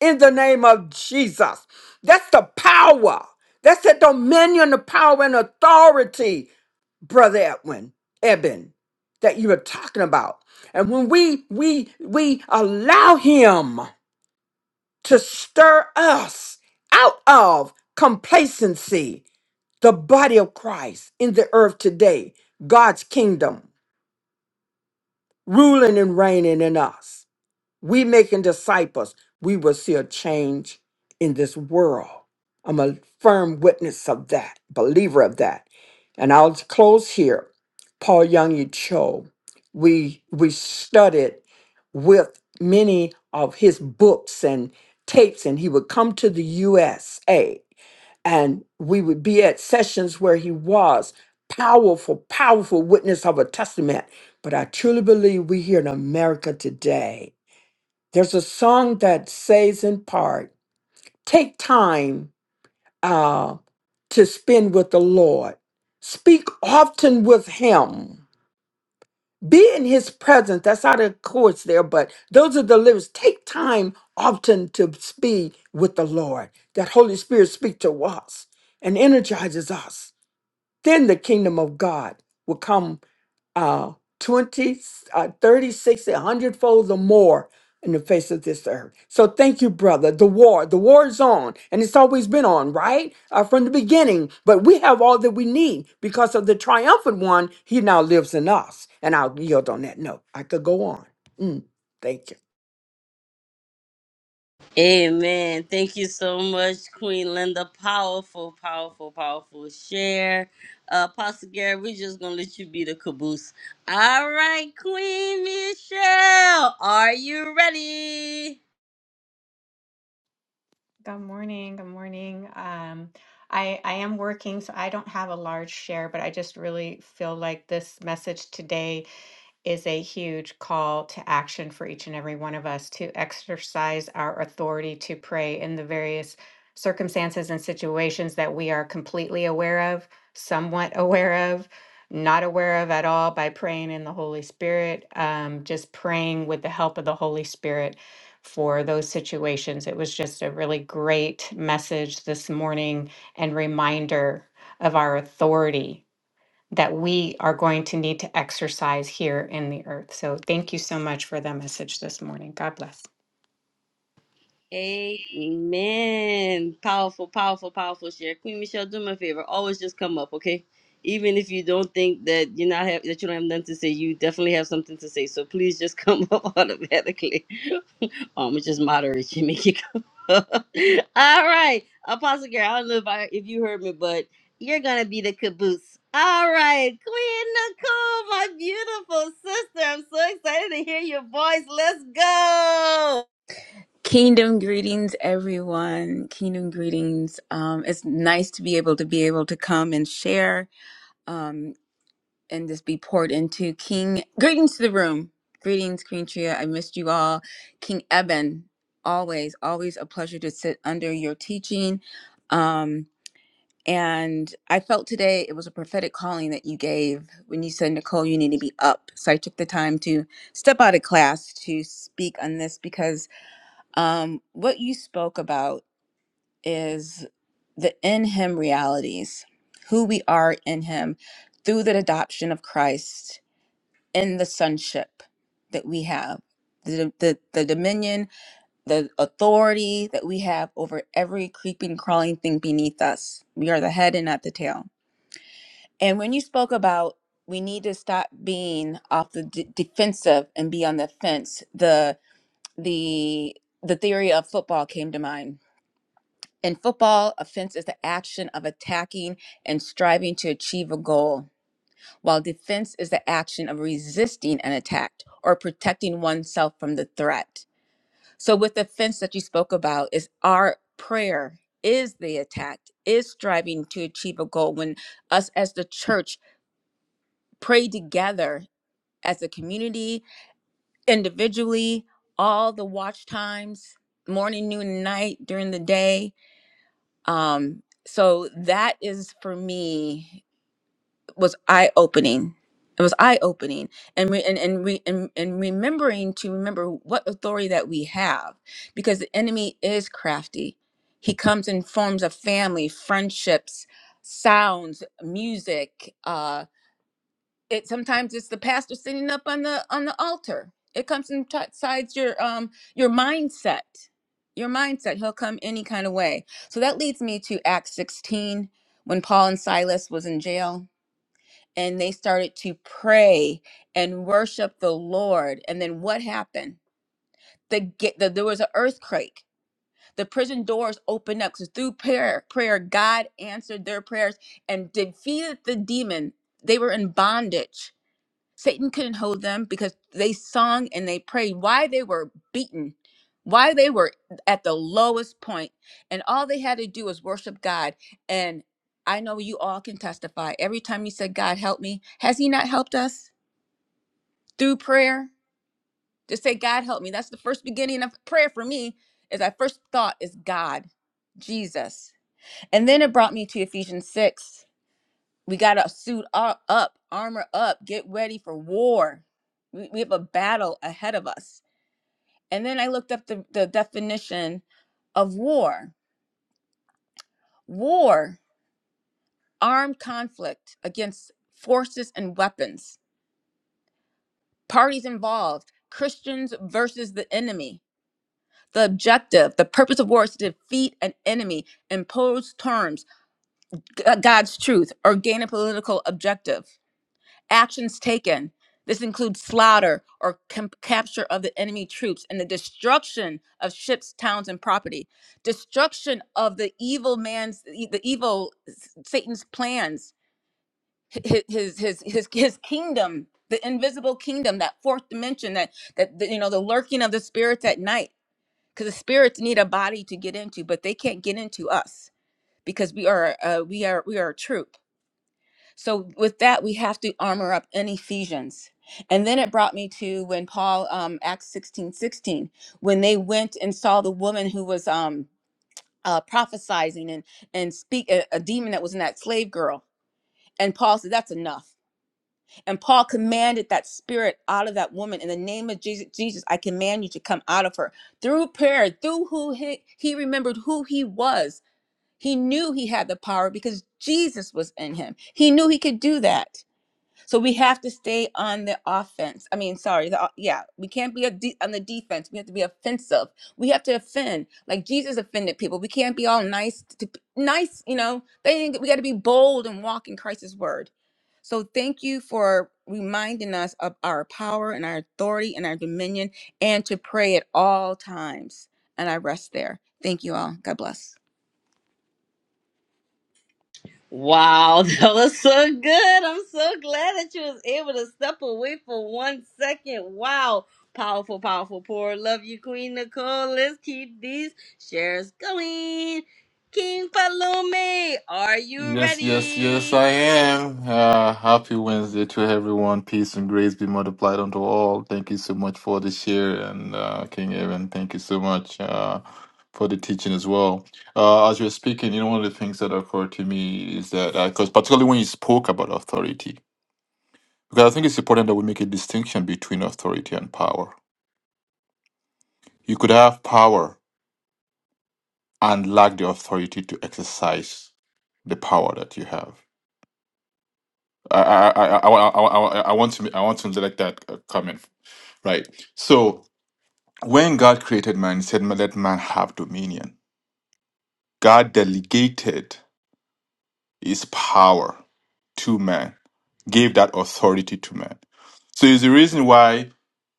Speaker 4: in the name of Jesus. That's the power. That's the dominion, the power, and authority, Brother Edwin, Eben, that you were talking about. And when we we we allow him to stir us out of complacency the body of Christ in the earth today, God's kingdom ruling and reigning in us. We making disciples, we will see a change in this world. I'm a firm witness of that, believer of that. And I'll close here. Paul Young Cho, we we studied with many of his books and tapes, and he would come to the USA and we would be at sessions where he was powerful powerful witness of a testament but i truly believe we here in america today there's a song that says in part take time uh, to spend with the lord speak often with him be in his presence that's out of course there but those are the lyrics take time often to speak with the lord that holy spirit speak to us and energizes us then the kingdom of God will come uh, 20, uh, 30, 60, 100 fold or more in the face of this earth. So thank you, brother. The war, the war is on, and it's always been on, right? Uh, from the beginning. But we have all that we need because of the triumphant one. He now lives in us. And I'll yield on that note. I could go on. Mm, thank you.
Speaker 1: Amen. Thank you so much, Queen Linda. Powerful, powerful, powerful share. Uh, Pastor Gary, we're just gonna let you be the caboose. All right, Queen Michelle, are you ready?
Speaker 5: Good morning. Good morning. Um, I I am working, so I don't have a large share, but I just really feel like this message today is a huge call to action for each and every one of us to exercise our authority to pray in the various circumstances and situations that we are completely aware of, somewhat aware of, not aware of at all by praying in the Holy Spirit, um, just praying with the help of the Holy Spirit for those situations. It was just a really great message this morning and reminder of our authority that we are going to need to exercise here in the earth. So thank you so much for that message this morning. God bless.
Speaker 1: Amen. Powerful, powerful, powerful share. Queen Michelle, do me a favor. Always just come up, okay? Even if you don't think that you're not have that you don't have nothing to say, you definitely have something to say. So please just come up automatically. Um, it's just moderate. You make it go. All right, Apostle Girl. I don't know if I if you heard me, but you're gonna be the caboose. All right, Queen Nicole, my beautiful sister. I'm so excited to hear your voice. Let's go.
Speaker 6: Kingdom greetings, everyone. Kingdom greetings. Um, it's nice to be able to be able to come and share um, and just be poured into. King greetings to the room. Greetings, Queen Tria. I missed you all. King Eben, always, always a pleasure to sit under your teaching. Um, and I felt today it was a prophetic calling that you gave when you said, Nicole, you need to be up. So I took the time to step out of class to speak on this because um, what you spoke about is the in Him realities, who we are in Him through the adoption of Christ in the sonship that we have, the, the, the dominion, the authority that we have over every creeping, crawling thing beneath us. We are the head and not the tail. And when you spoke about we need to stop being off the d- defensive and be on the fence, the the the theory of football came to mind In football, offense is the action of attacking and striving to achieve a goal, while defense is the action of resisting an attack or protecting oneself from the threat. So, with the fence that you spoke about, is our prayer is the attack, is striving to achieve a goal. When us as the church pray together as a community, individually, all the watch times, morning, noon, and night during the day, um so that is for me was eye opening it was eye opening and re- and and, re- and and remembering to remember what authority that we have because the enemy is crafty he comes in forms of family friendships sounds music uh, it sometimes it's the pastor sitting up on the on the altar it comes inside your um your mindset your mindset he'll come any kind of way so that leads me to acts 16 when paul and silas was in jail and they started to pray and worship the lord and then what happened the, get the there was an earthquake the prison doors opened up because through prayer prayer god answered their prayers and defeated the demon they were in bondage Satan couldn't hold them because they sung and they prayed why they were beaten, why they were at the lowest point, and all they had to do was worship God. And I know you all can testify. Every time you said, God help me, has he not helped us through prayer? Just say, God help me. That's the first beginning of prayer for me, is I first thought is God, Jesus. And then it brought me to Ephesians 6 we got to suit ar- up, armor up, get ready for war. We, we have a battle ahead of us. And then I looked up the, the definition of war war, armed conflict against forces and weapons, parties involved, Christians versus the enemy. The objective, the purpose of war is to defeat an enemy, impose terms, G- God's truth, or gain a political objective. actions taken. This includes slaughter or com- capture of the enemy troops and the destruction of ships, towns, and property, destruction of the evil man's, e- the evil Satan's plans, hi- his his his his kingdom, the invisible kingdom, that fourth dimension, that that the, you know, the lurking of the spirits at night, because the spirits need a body to get into, but they can't get into us because we are uh, we are we are a troop so with that, we have to armor up in Ephesians. And then it brought me to when Paul, um, Acts 16 16, when they went and saw the woman who was um, uh, prophesizing and, and speak a, a demon that was in that slave girl. And Paul said, that's enough. And Paul commanded that spirit out of that woman in the name of Jesus. Jesus, I command you to come out of her through prayer, through who he, he remembered who he was. He knew he had the power because Jesus was in him. He knew he could do that. So we have to stay on the offense. I mean, sorry, the, uh, yeah, we can't be a de- on the defense. We have to be offensive. We have to offend, like Jesus offended people. We can't be all nice to nice, you know. They didn't, we got to be bold and walk in Christ's word. So thank you for reminding us of our power and our authority and our dominion, and to pray at all times. And I rest there. Thank you all. God bless.
Speaker 1: Wow, that was so good. I'm so glad that you was able to step away for one second. Wow. Powerful, powerful poor. Love you, Queen Nicole. Let's keep these shares going. King Palome, are you
Speaker 7: Yes, yes, yes,
Speaker 1: ready?
Speaker 7: I am. Uh, happy Wednesday to everyone. Peace and grace be multiplied unto all. Thank you so much for the share, and uh, King Evan, thank you so much uh, for the teaching as well. Uh, as you're speaking, you know, one of the things that occurred to me is that, because particularly when you spoke about authority, because I think it's important that we make a distinction between authority and power. You could have power and lack the authority to exercise the power that you have I I I I, I, I, I want to I want to let that uh, come in. Right. So when God created man, he said, "Let man have dominion." God delegated His power to man, gave that authority to man. So it's the reason why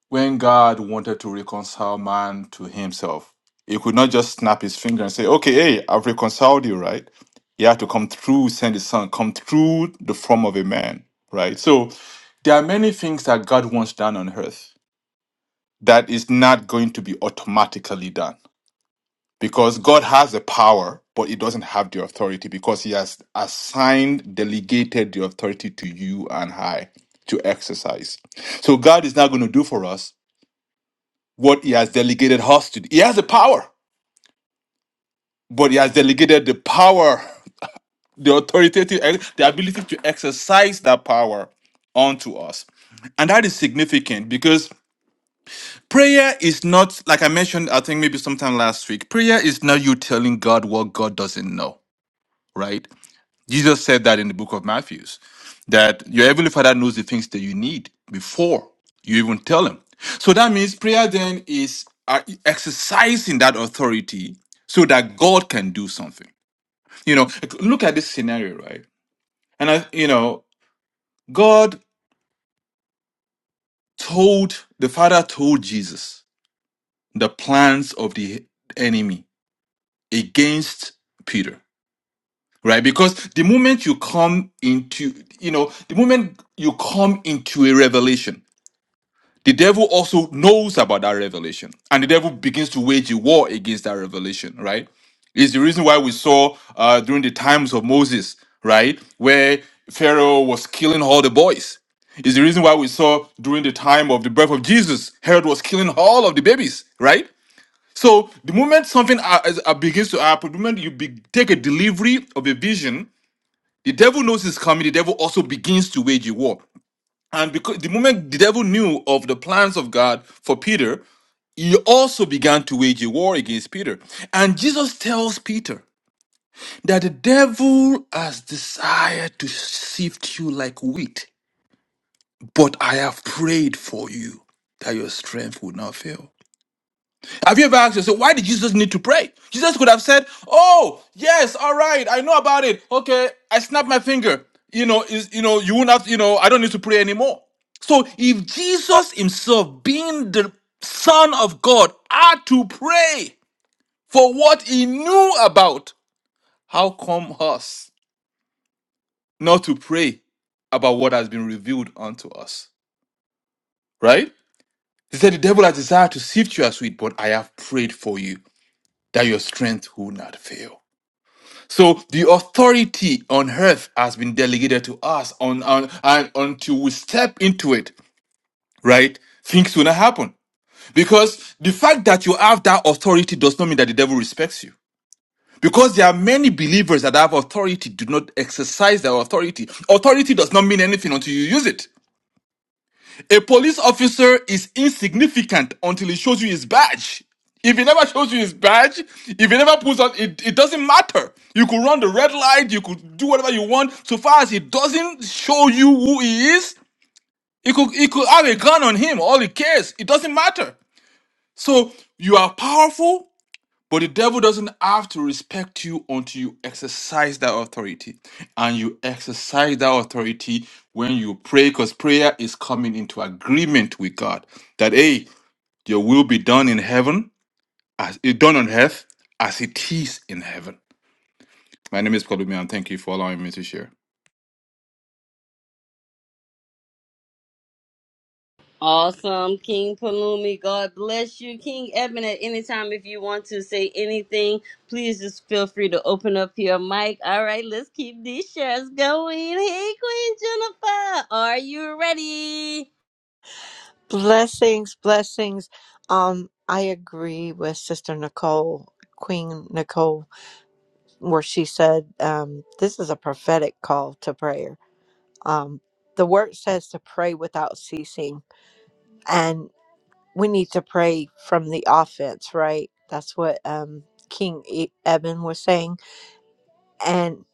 Speaker 7: when God wanted to reconcile man to himself, he could not just snap his finger and say, Okay, hey, I've reconciled you, right? He had to come through, send his son, come through the form of a man, right? So there are many things that God wants done on earth that is not going to be automatically done because God has the power, but he doesn't have the authority because he has assigned, delegated the authority to you and I to exercise. So God is not going to do for us what he has delegated us to. do. He has the power, but he has delegated the power, the authoritative, ex- the ability to exercise that power onto us. And that is significant because prayer is not, like I mentioned, I think maybe sometime last week, prayer is not you telling God what God doesn't know, right? Jesus said that in the book of Matthew, that your heavenly father knows the things that you need before you even tell him. So that means prayer then is uh, exercising that authority so that God can do something. You know, like, look at this scenario, right? And I, you know, God told the father told Jesus the plans of the enemy against Peter, right? Because the moment you come into, you know, the moment you come into a revelation, The devil also knows about that revelation, and the devil begins to wage a war against that revelation, right? Is the reason why we saw uh, during the times of Moses, right, where Pharaoh was killing all the boys. Is the reason why we saw during the time of the birth of Jesus, Herod was killing all of the babies, right? So the moment something uh, is- uh, begins to happen, the moment you be- take a delivery of a vision, the devil knows it's coming. The devil also begins to wage a war. And because the moment the devil knew of the plans of God for Peter, he also began to wage a war against Peter. And Jesus tells Peter that the devil has desired to sift you like wheat, but I have prayed for you that your strength would not fail. Have you ever asked yourself, why did Jesus need to pray? Jesus could have said, Oh, yes, all right, I know about it. Okay, I snapped my finger. You know, is you know, you won't have you know, I don't need to pray anymore. So if Jesus himself, being the Son of God, had to pray for what he knew about, how come us not to pray about what has been revealed unto us? Right? He said, The devil has desired to sift you as wheat, but I have prayed for you that your strength will not fail. So the authority on earth has been delegated to us on, on and until we step into it, right? Things will not happen. Because the fact that you have that authority does not mean that the devil respects you. Because there are many believers that have authority, do not exercise their authority. Authority does not mean anything until you use it. A police officer is insignificant until he shows you his badge. If he never shows you his badge, if he never puts on, it, it doesn't matter. You could run the red light, you could do whatever you want. So far as he doesn't show you who he is, he could he could have a gun on him. All he cares, it doesn't matter. So you are powerful but the devil doesn't have to respect you until you exercise that authority. And you exercise that authority when you pray, because prayer is coming into agreement with God that, hey, your will be done in heaven, as it done on earth, as it is in heaven. My name is Kolumi, and thank you for allowing me to share.
Speaker 1: Awesome, King Palumi. God bless you, King Edmund. At any time, if you want to say anything, please just feel free to open up your mic. All right, let's keep these shares going. Hey, Queen Jennifer, are you ready?
Speaker 8: Blessings, blessings. Um, I agree with Sister Nicole, Queen Nicole, where she said, um, this is a prophetic call to prayer. Um, the word says to pray without ceasing, and we need to pray from the offense, right? That's what um, King e- Eben was saying. And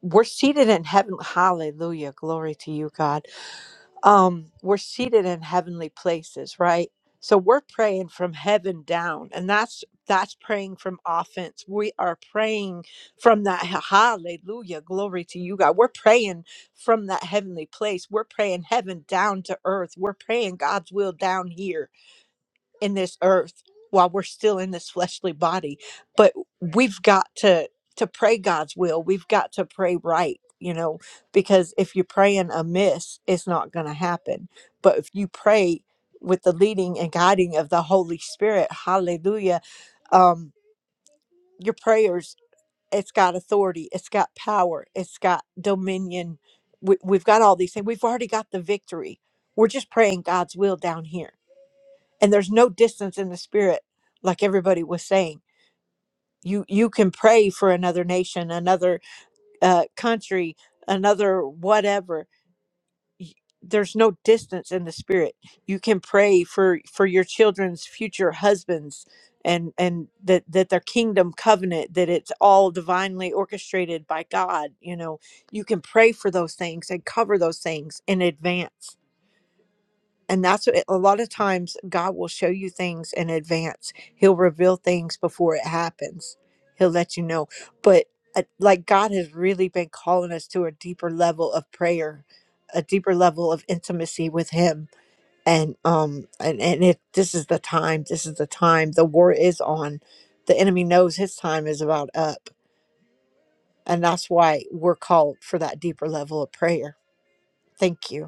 Speaker 8: we're seated in heaven. Hallelujah. Glory to you, God um, we're seated in heavenly places, right? So we're praying from heaven down, and that's that's praying from offense. We are praying from that h- hallelujah, glory to you, God. We're praying from that heavenly place. We're praying heaven down to earth. We're praying God's will down here in this earth while we're still in this fleshly body but we've got to to pray god's will we've got to pray right you know because if you're praying amiss it's not going to happen but if you pray with the leading and guiding of the holy spirit hallelujah um your prayers it's got authority it's got power it's got dominion we, we've got all these things we've already got the victory we're just praying god's will down here and there's no distance in the spirit like everybody was saying you you can pray for another nation another uh, country another whatever Y- there's no distance in the spirit you can pray for for your children's future husbands and and that that their kingdom covenant that it's all divinely orchestrated by god you know you can pray for those things and cover those things in advance and that's what, a lot of times god will show you things in advance he'll reveal things before it happens he'll let you know but uh, like god has really been calling us to a deeper level of prayer a deeper level of intimacy with him and um and and if this is the time this is the time the war is on the enemy knows his time is about up and that's why we're called for that deeper level of prayer thank you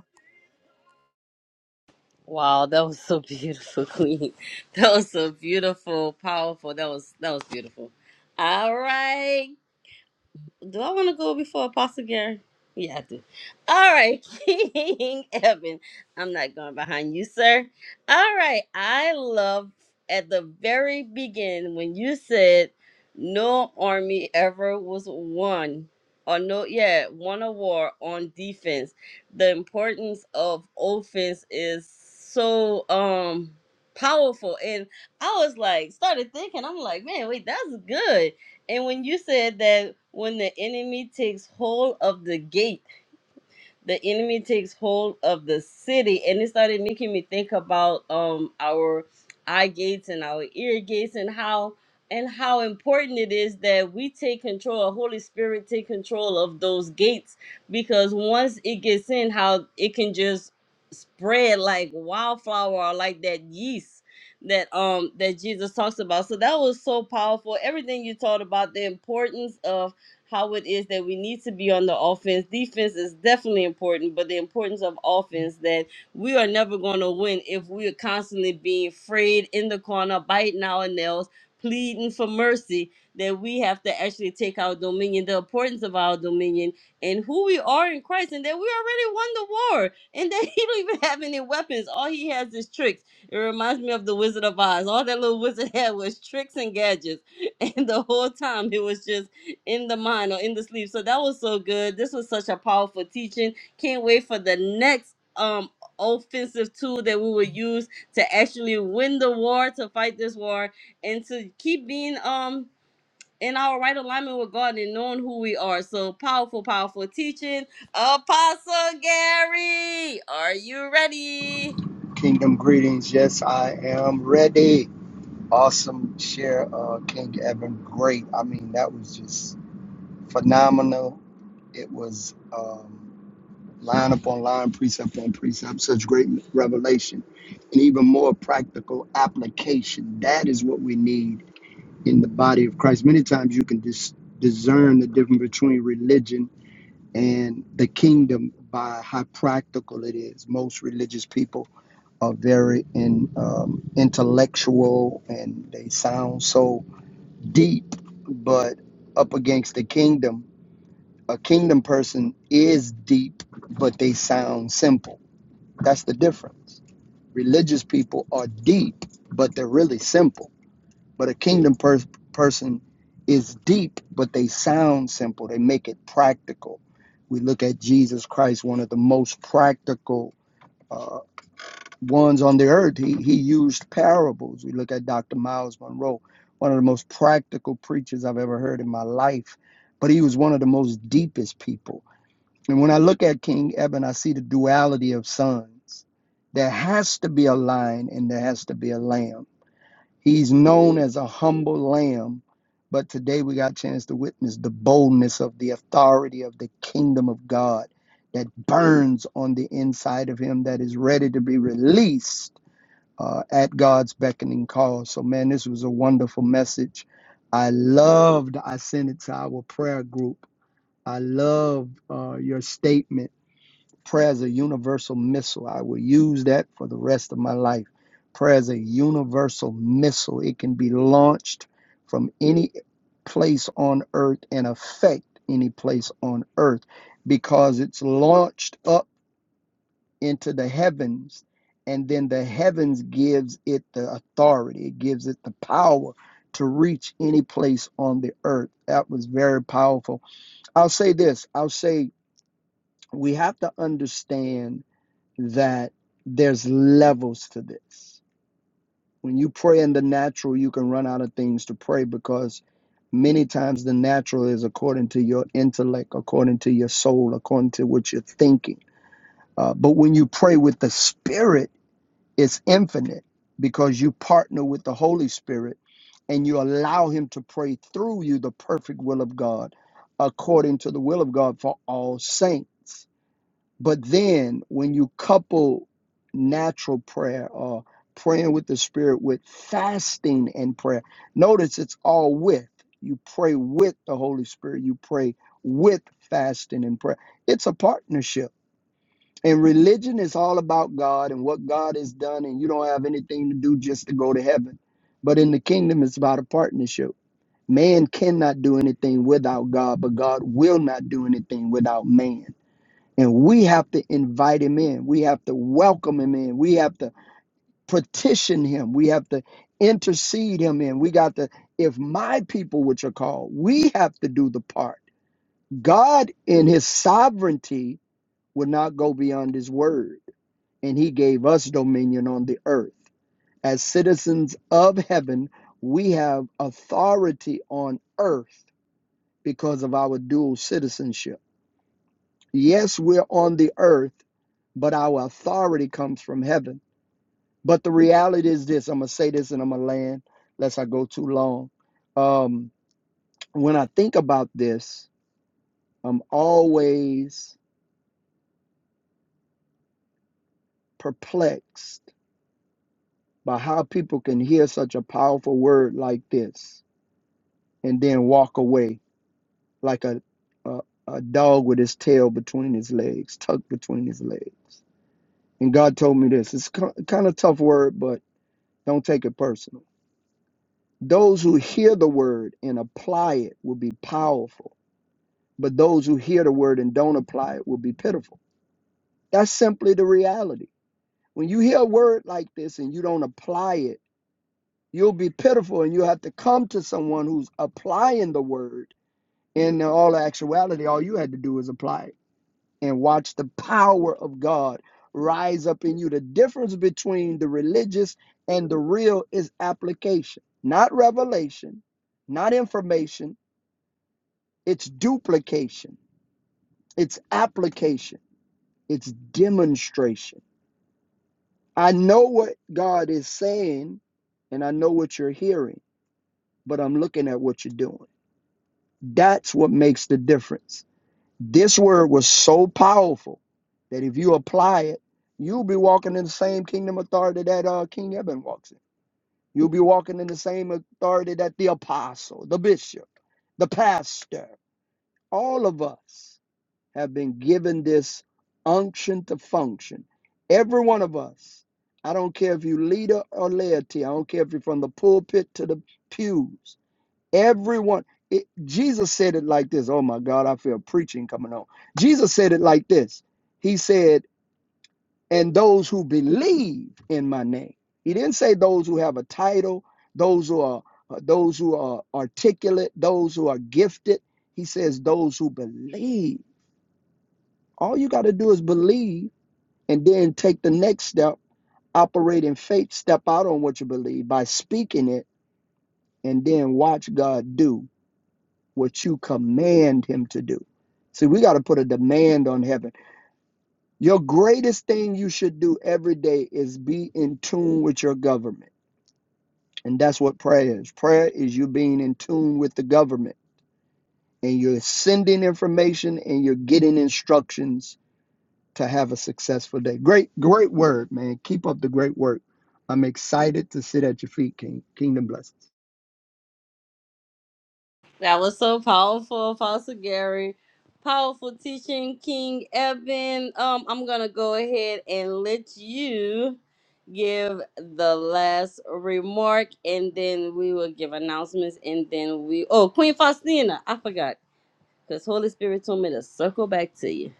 Speaker 1: Wow, that was so beautiful, Queen. That was so beautiful, powerful. That was that was beautiful. All right, do I want to go before Apostle Gary? Yeah, I do. All right, King Evan. I'm not going behind you, sir. All right. I love at the very beginning when you said no army ever was won or no, yeah, won a war on defense. The importance of offense is so um powerful. And I was like, started thinking, I'm like, man, wait, that's good and when you said that when the enemy takes hold of the gate, the enemy takes hold of the city and it started making me think about um our eye gates and our ear gates and how and how important it is that we take control holy spirit take control of those gates because once it gets in how it can just spread like wildflower or like that yeast that um that jesus talks about so that was so powerful everything you taught about the importance of how it is that we need to be on the offense. Defense is definitely important, but the importance of offense that we are never going to win if we are constantly being frayed in the corner, biting our nails, pleading for mercy, that we have to actually take our dominion, the importance of our dominion, and who we are in Christ, and that we already won the war, and that he don't even have any weapons. All he has is tricks. It reminds me of the Wizard of Oz. All that little wizard had was tricks and gadgets, and the whole time it was just in the mind or in the sleep. So that was so good. This was such a powerful teaching. Can't wait for the next um offensive tool that we will use to actually win the war, to fight this war, and to keep being um in our right alignment with God and knowing who we are. So powerful, powerful teaching. Apostle Gary, are you ready?
Speaker 9: Kingdom greetings. Yes, I am ready. Awesome share, uh, King Evan. Great. I mean, that was just phenomenal. It was um, line upon line, precept on precept, such great revelation, and even more practical application. That is what we need in the body of Christ. Many times you can dis- discern the difference between religion and the kingdom by how practical it is. Most religious people are very in, um, intellectual and they sound so deep, but up against the kingdom, a kingdom person is deep, but they sound simple. That's the difference. Religious people are deep, but they're really simple. But a kingdom pers- person is deep, but they sound simple. They make it practical. We look at Jesus Christ, one of the most practical. uh, ones on the earth. He, he used parables. We look at Dr. Miles Monroe, one of the most practical preachers I've ever heard in my life, but he was one of the most deepest people. And when I look at King Eben, I see the duality of sons. There has to be a lion and there has to be a lamb. He's known as a humble lamb, but today we got a chance to witness the boldness of the authority of the kingdom of God that burns on the inside of him, that is ready to be released uh, at God's beckoning call. So, man, this was a wonderful message. I loved, I sent it to our prayer group. I love uh, your statement. Prayer is a universal missile. I will use that for the rest of my life. Prayer is a universal missile, it can be launched from any place on earth and affect any place on earth because it's launched up into the heavens and then the heavens gives it the authority it gives it the power to reach any place on the earth that was very powerful i'll say this i'll say we have to understand that there's levels to this when you pray in the natural you can run out of things to pray because many times the natural is according to your intellect according to your soul according to what you're thinking uh, but when you pray with the spirit It's infinite because you partner with the Holy Spirit and you allow Him to pray through you the perfect will of God according to the will of God for all saints. But then when you couple natural prayer or praying with the Spirit with fasting and prayer, notice it's all with. You pray with the Holy Spirit, you pray with fasting and prayer. It's a partnership and religion is all about God and what God has done, and you don't have anything to do just to go to heaven. But in the kingdom, it's about a partnership. Man cannot do anything without God, but God will not do anything without man. And we have to invite him in. We have to welcome him in. We have to petition him. We have to intercede him in. We got to, if my people which are called, we have to do the part. God in his sovereignty will not go beyond his word and he gave us dominion on the earth. As citizens of heaven, we have authority on earth because of our dual citizenship. Yes, we're on the earth, but our authority comes from heaven. But the reality is this I'm going to say this and I'm going to land, lest I go too long. Um, when I think about this, I'm always perplexed by how people can hear such a powerful word like this and then walk away like a, a a dog with his tail between his legs, tucked between his legs. And God told me this. It's a kind of tough word, but don't take it personal. Those who hear the word and apply it will be powerful, but those who hear the word and don't apply it will be pitiful. That's simply the reality. When you hear a word like this and you don't apply it, you'll be pitiful and you have to come to someone who's applying the word. in all actuality, all you had to do is apply it. and watch the power of God rise up in you. The difference between the religious and the real is application, not revelation, not information. It's duplication, it's application, it's demonstration. I know what God is saying and I know what you're hearing, but I'm looking at what you're doing. That's what makes the difference. This word was so powerful that if you apply it, you'll be walking in the same kingdom authority that uh, King Eben walks in. You'll be walking in the same authority that the apostle, the bishop, the pastor, all of us have been given this unction to function. Every one of us. I don't care if you leader or laity. I don't care if you're from the pulpit to the pews. Everyone, it, Jesus said it like this. Oh my God, I feel preaching coming on. Jesus said it like this. He said, and those who believe in my name. He didn't say those who have a title, those who are uh, those who are articulate, those who are gifted. He says those who believe. All you got to do is believe and then take the next step, operate in faith, step out on what you believe by speaking it, and then watch God do what you command him to do. See, we got to put a demand on heaven. Your greatest thing you should do every day is be in tune with your government. And that's what prayer is. Prayer is you being in tune with the government and you're sending information and you're getting instructions to have a successful day. Great, great word, man. Keep up the great work. I'm excited to sit at your feet, King. Kingdom blessings.
Speaker 1: That was so powerful, Apostle Gary. Powerful teaching, King Evan. Um, I'm gonna go ahead and let you give the last remark, and then we will give announcements, and then we. Oh, Queen Faustina, I forgot, because Holy Spirit told me to circle back to you.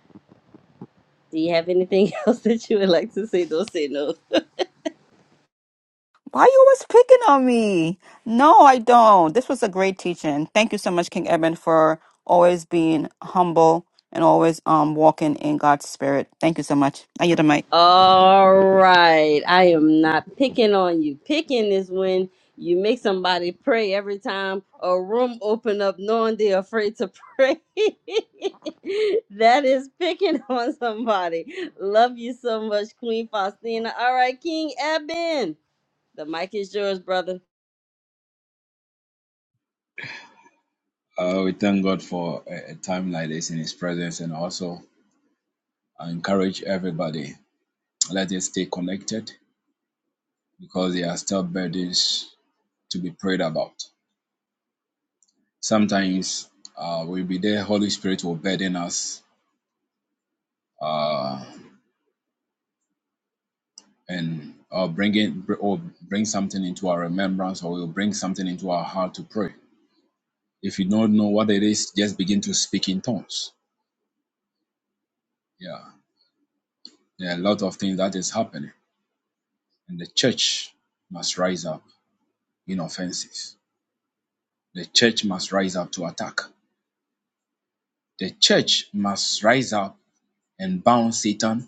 Speaker 1: Do you have anything else that you would like to say? Don't say no.
Speaker 2: Why you always picking on me? No, I don't. This was a great teaching. Thank you so much, King Eben, for always being humble and always um walking in God's spirit. Thank you so much. I yield the mic.
Speaker 1: All right. I am not picking on you. Picking is when you make somebody pray every time a room open up knowing they're afraid to pray. that is picking on somebody. Love you so much, Queen Faustina. All right, King Eben. The mic is yours, brother.
Speaker 3: Uh, we thank God for a, a time like this in His presence, and also I encourage everybody. let us stay connected because there are still burdens to be prayed about. Sometimes uh, we'll be there, Holy Spirit will burden us uh, and or bring it or bring something into our remembrance or we will bring something into our heart to pray. If you don't know what it is, just begin to speak in tongues. Yeah, there are a lot of things that is happening, and the church must rise up in offenses. The church must rise up to attack. The church must rise up and bound Satan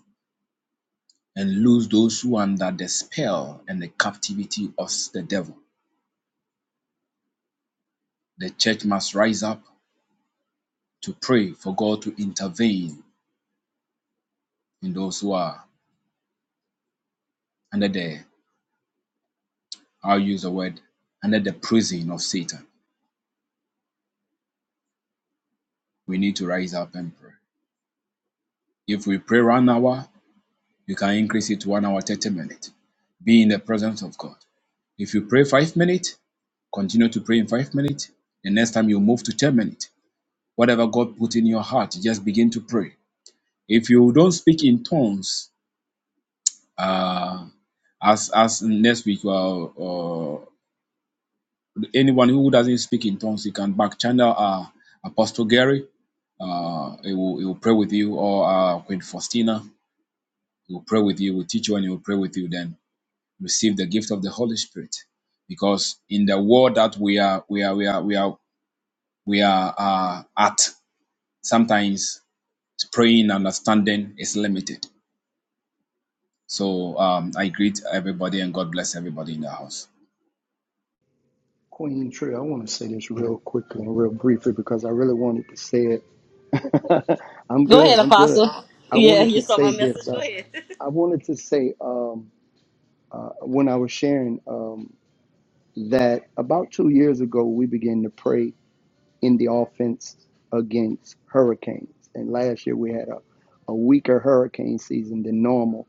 Speaker 3: and loose those who are under the spell and the captivity of the devil. The church must rise up to pray for God to intervene in those who are under the, I'll use the word, under the prison of Satan. We need to rise up and pray. If we pray one hour, you can increase it to one hour, 30 minutes. Be in the presence of God. If you pray five minutes, continue to pray in five minutes. The next time you move to 10 minutes. Whatever God put in your heart, just begin to pray. If you don't speak in tongues, Uh, as as next week, uh, uh, anyone who doesn't speak in tongues, you can back channel uh, Apostle Gary. Uh, he will he will pray with you, or uh, Queen Faustina. He will pray with you. He Will teach you, and he will pray with you. Then receive the gift of the Holy Spirit, because in the world that we are we are we are we are we are uh, at, sometimes praying and understanding is limited. So um, I greet everybody and God bless everybody in the house.
Speaker 9: Queen Trey, I want to say this real quickly and real briefly because I really wanted to say it I'm
Speaker 1: Go ahead,
Speaker 9: good. I'm good.
Speaker 1: Apostle.
Speaker 9: I
Speaker 1: Yeah,
Speaker 9: wanted
Speaker 1: you
Speaker 9: to
Speaker 1: saw my
Speaker 9: say this.
Speaker 1: message. Go
Speaker 9: Uh,
Speaker 1: ahead.
Speaker 9: I wanted to say um, when I was sharing um, that about two years ago, we began to pray in the offense against hurricanes. And last year, we had a, a weaker hurricane season than normal.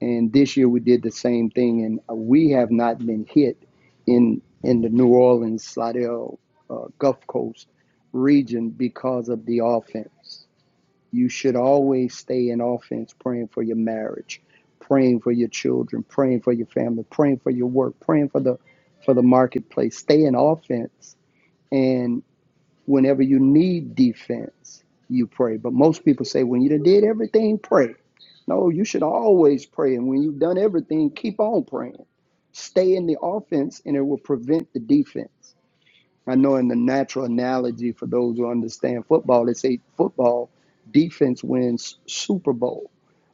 Speaker 9: And this year, we did the same thing. And we have not been hit in, in the New Orleans, Slidell, uh, Gulf Coast region because of the offense. You should always stay in offense praying for your marriage, praying for your children, praying for your family, praying for your work, praying for the for the marketplace. Stay in offense and whenever you need defense, you pray. But most people say when you done did everything, pray. No, you should always pray and when you've done everything, keep on praying. Stay in the offense and it will prevent the defense. I know in the natural analogy for those who understand football, they say football defense wins Super Bowl.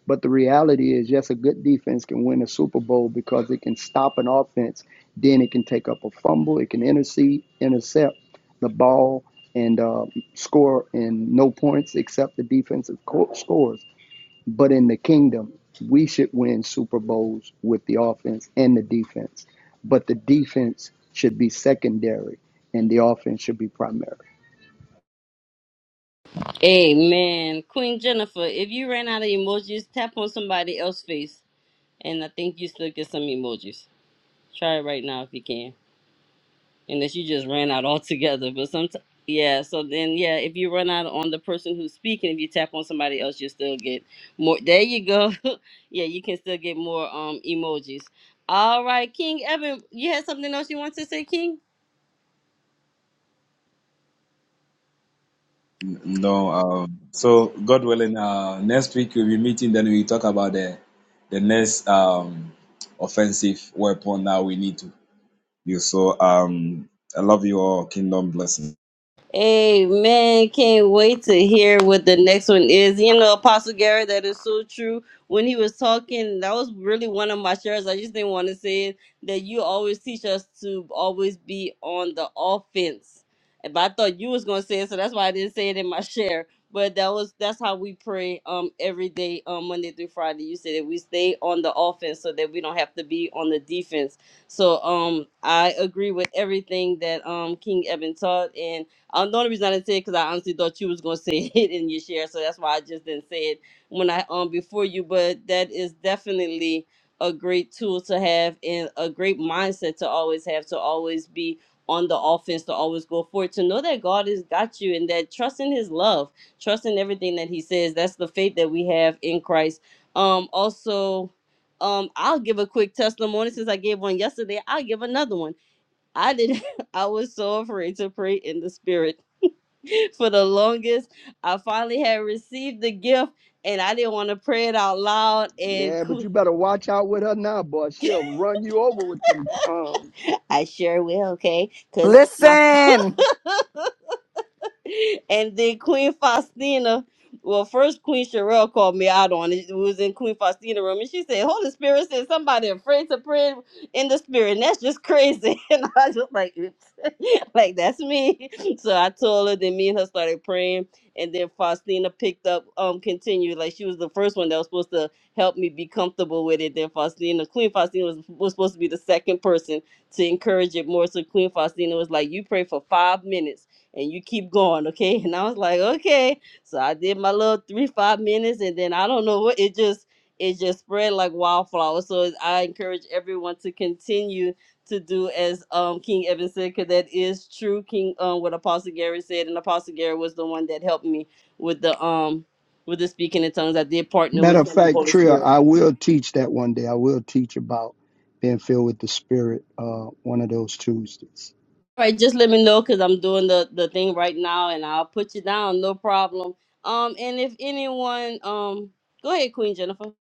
Speaker 9: But the reality is, yes, a good defense can win a Super Bowl because it can stop an offense. Then it can take up a fumble, it can intercede, intercept the ball, and uh, score in no points except the defensive co- scores. But in the kingdom, we should win Super Bowls with the offense and the defense. But the defense should be secondary and the offense should be primary.
Speaker 1: Amen. Queen Jennifer, if you ran out of emojis, tap on somebody else's face. And I think you still get some emojis. Try it right now if you can. Unless you just ran out altogether. But some, yeah. So then, yeah, if you run out on the person who's speaking, if you tap on somebody else, you still get more. There you go. yeah, you can still get more um emojis. All right, King Evan, you had something else you want to say, King?
Speaker 3: No, um, so God willing, uh, next week we'll be meeting. Then we talk about the the next um, offensive weapon that we need to use. So um, I love you all. Kingdom blessing.
Speaker 1: Amen. Can't wait to hear what the next one is. You know, Apostle Gary, that is so true. When he was talking, that was really one of my shares. I just didn't want to say it. That you always teach us to always be on the offense. But I thought you was gonna say it, so that's why I didn't say it in my share. But that was that's how we pray um every day, um Monday through Friday. You said that we stay on the offense so that we don't have to be on the defense. So um I agree with everything that um King Evan taught and um, the only reason I didn't say it because I honestly thought you was gonna say it in your share, so that's why I just didn't say it when I um before you. But that is definitely a great tool to have and a great mindset to always have to always be on the offense to always go forward to know that God has got you and that trust in His love, trust in everything that He says. That's the faith that we have in Christ. Um, also. Um, I'll give a quick testimony since I gave one yesterday. I'll give another one. I did. I was so afraid to pray in the spirit for the longest. I finally had received the gift and I didn't want to pray it out loud. And
Speaker 9: Yeah, but
Speaker 1: Que-
Speaker 9: you better watch out with her now, boy. She'll run you over with them tongues.
Speaker 1: I sure will, okay? Because my.
Speaker 2: Listen,
Speaker 1: And then Queen Faustina, well, first Queen Sherelle called me out on it. It was in Queen Faustina's room. And she said, Holy Spirit said somebody afraid to pray in the spirit. And that's just crazy. And I was just like, oops. like that's me. So I told her, then me and her started praying. And then Faustina picked up, um, continued. Like she was the first one that was supposed to help me be comfortable with it. Then Faustina, Queen Faustina was, was supposed to be the second person to encourage it more. So Queen Faustina was like, You pray for five minutes and you keep going, okay? And I was like, Okay. So I did my little three, five minutes, and then I don't know what it just it just spread like wildflower. So I encourage everyone to continue to do as um King Evan said, because that is true. King um what Apostle Gary said, and Apostle Gary was the one that helped me with the um with the speaking in tongues. I did partner
Speaker 9: Matter
Speaker 1: with
Speaker 9: of
Speaker 1: him and
Speaker 9: fact,
Speaker 1: Holy
Speaker 9: Trill,
Speaker 1: Spirit.
Speaker 9: I will teach that one day. I will teach about being filled with the Spirit uh, one of those Tuesdays.
Speaker 1: All right, just let me know because I'm doing the the thing right now, and I'll put you down, no problem. Um, and if anyone um go ahead, Queen Jennifer.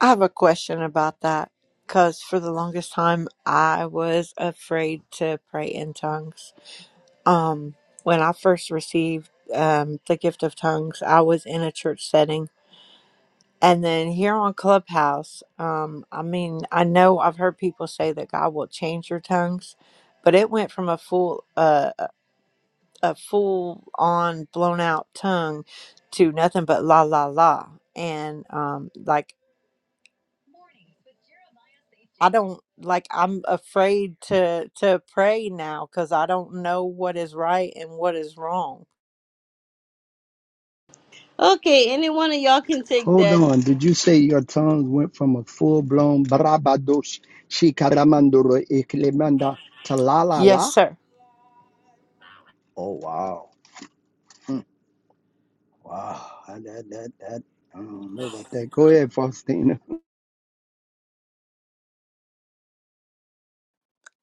Speaker 8: I have a question about that because for the longest time I was afraid to pray in tongues. Um, when I first received um, the gift of tongues, I was in a church setting. And then here on Clubhouse, um, I mean, I know I've heard people say that God will change your tongues, but it went from a full, uh, a full on blown out tongue to nothing but la la la. And um, like I don't like I'm afraid to to pray now cuz I don't know what is right and what is wrong.
Speaker 1: Okay, any one of y'all can take
Speaker 9: Hold
Speaker 1: that.
Speaker 9: on. Did you say your tongues went from a full blown barabadosh shikaramandoro eklemanda to la la
Speaker 8: Yes,
Speaker 9: la?
Speaker 8: sir.
Speaker 9: Oh wow, Hmm. wow, I, that that that I don't know about that. Go ahead, Faustina.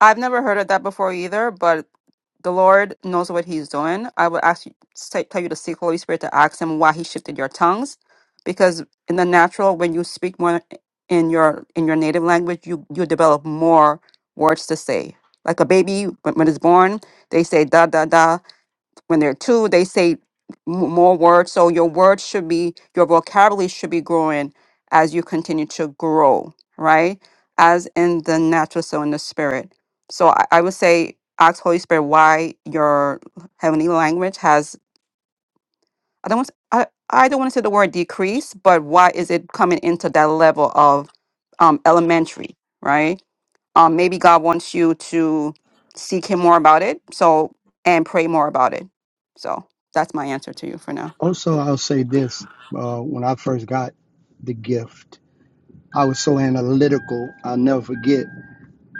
Speaker 2: I've never heard of that before either, but the Lord knows what He's doing. I would ask you, say, tell you to seek Holy Spirit to ask Him why He shifted your tongues, because in the natural, when you speak more in your in your native language, you you develop more words to say. Like a baby, when, when it's born, they say da da da when they're two, they say m- more words. So your words should be, your vocabulary should be growing as you continue to grow, right? As in the natural, so in the spirit. So I, I would say, ask Holy Spirit why your heavenly language has. I don't want. to. I, I don't want to say the word decrease, but why is it coming into that level of um, elementary, right? um, maybe God wants you to seek Him more about it. So, and pray more about it. So, that's my answer to you for now.
Speaker 9: Also, I'll say this: uh, when I first got the gift, I was so analytical. I'll never forget.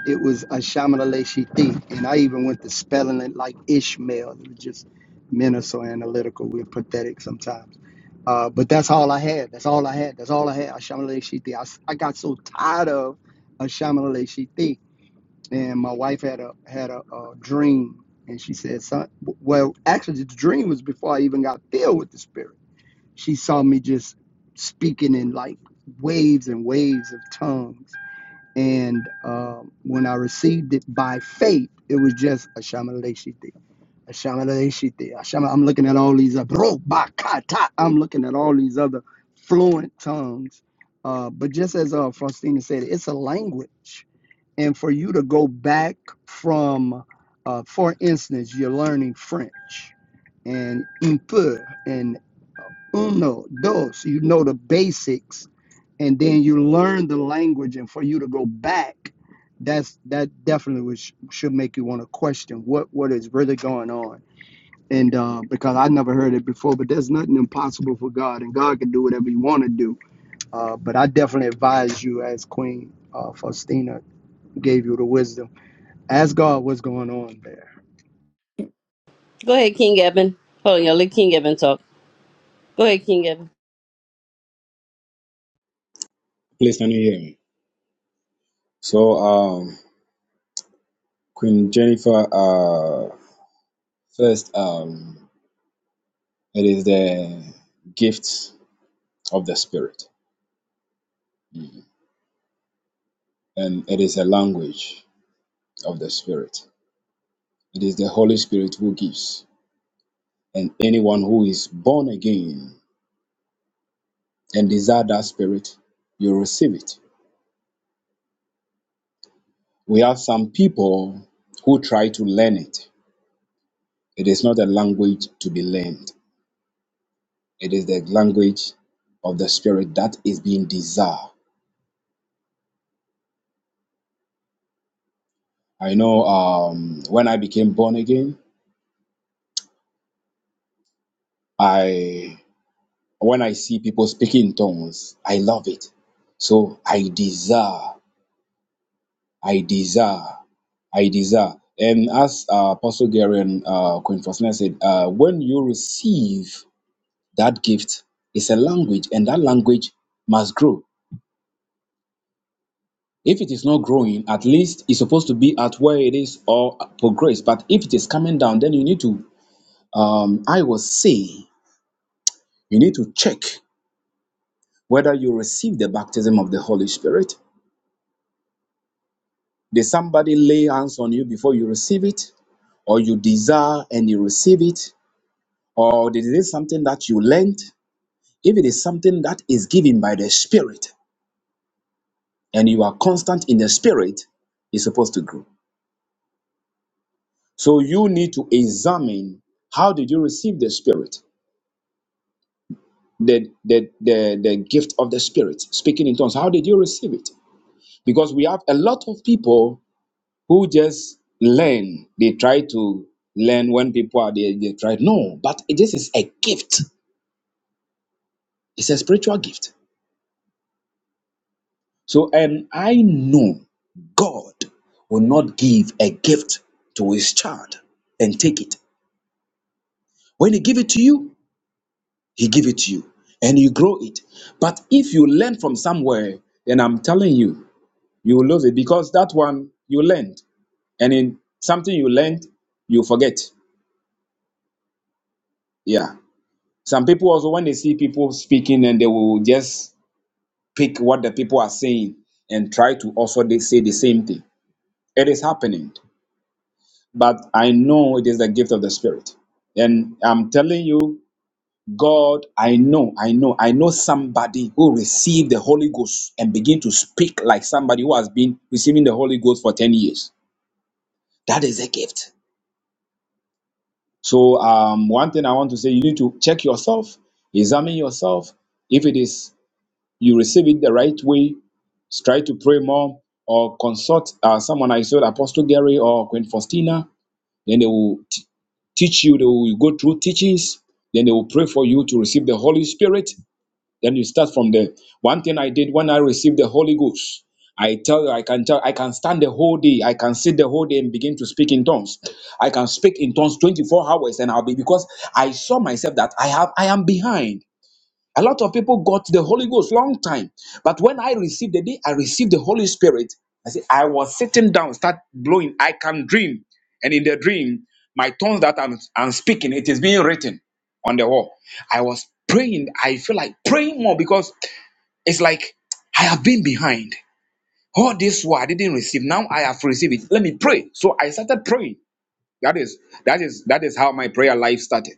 Speaker 9: It was a Shamalaleshiti, and I even went to spelling it like Ishmael. It was just men are so analytical. We're pathetic sometimes. Uh, but that's all I had. That's all I had. That's all I had. Ashamalashiti. I, s- I got so tired of Ashamalashiti. and my wife had a had a, a dream and she said son well actually the dream was before i even got filled with the spirit she saw me just speaking in like waves and waves of tongues and um, when i received it by faith it was just a shamalashite a shamalashite a shama. i'm looking at all these other Robakata. i'm looking at all these other fluent tongues uh, but just as uh, faustina said it's a language and for you to go back from, uh, for instance, you're learning French and un peu and uno, dos, you know the basics, and then you learn the language, and for you to go back, that's that definitely was, should make you want to question what what is really going on. And uh, because I never heard it before, but there's nothing impossible for God, and God can do whatever you want to do. Uh, but I definitely advise you, as Queen uh, Faustina gave you the wisdom Asgard, what's going on there?
Speaker 1: Go ahead, King Evan. Hold on, y'all. Let King Evan talk. Go ahead, King Evan.
Speaker 3: Please can you hear me? So um, Queen Jennifer, uh, first, um, it is the gift of the Spirit, and it is a language of the Spirit. It is the Holy Spirit who gives, and anyone who is born again and desire that spirit, you receive it. We have some people who try to learn it. It is not a language to be learned, it is the language of the spirit that is being desired. I know um, when I became born again, I when I see people speaking in tongues, I love it. So I desire, I desire, I desire. And as uh, Apostle Gary and uh, Queen Faustina said, uh, when you receive That gift is a language, and that language must grow. If it is not growing, at least it's supposed to be at where it is or progress. But if it is coming down, then you need to, um, I will say, you need to check whether you receive the baptism of the Holy Spirit. Did somebody lay hands on you before you receive it, or you desire and you receive it, or is it something that you learned? If it is something that is given by the Spirit and you are constant in the Spirit, it's supposed to grow. So you need to examine how did you receive the spirit, the, the, the, the gift of the spirit, speaking in tongues. How did you receive it? Because we have a lot of people who just learn. They try to learn when people are there, they try. No, but this is a gift. It's a spiritual gift. So, and I know God will not give a gift to his child and take it. When he give it to you, He give it to you and you grow it. But if you learn from somewhere, then I'm telling you, you will love it because that one you learned. And in something you learned, you forget. Yeah. Some people also, when they see people speaking and they will just pick what the people are saying and try to also they say the same thing. It is happening. But I know it is the gift of the Spirit. And I'm telling you, God, I know, I know, I know somebody who received the Holy Ghost and begin to speak like somebody who has been receiving the Holy Ghost for 10 years. That is a gift. So, um, one thing I want to say, you need to check yourself, examine yourself. If it is you receive it the right way, try to pray more or consult uh, someone. I saw Apostle Gary or Queen Faustina. Then they will t- teach you, they will go through teachings. Then they will pray for you to receive the Holy Spirit Then you start from there. One thing I did when I received the Holy Ghost, I tell you, I can tell, I can stand the whole day, I can sit the whole day and begin to speak in tongues. I can speak in tongues 24 hours, and I'll be because I saw myself that I have I am behind. A lot of people got the Holy Ghost long time. But when I received the day I received the Holy Spirit, I said, I was sitting down, start blowing. I can dream. And in the dream, my tongues that I'm, I'm speaking, it is being written on the wall. I was praying. I feel like praying more because it's like I have been behind. All this while I didn't receive. Now I have received it. Let me pray. So I started praying. That is that is that is how my prayer life started.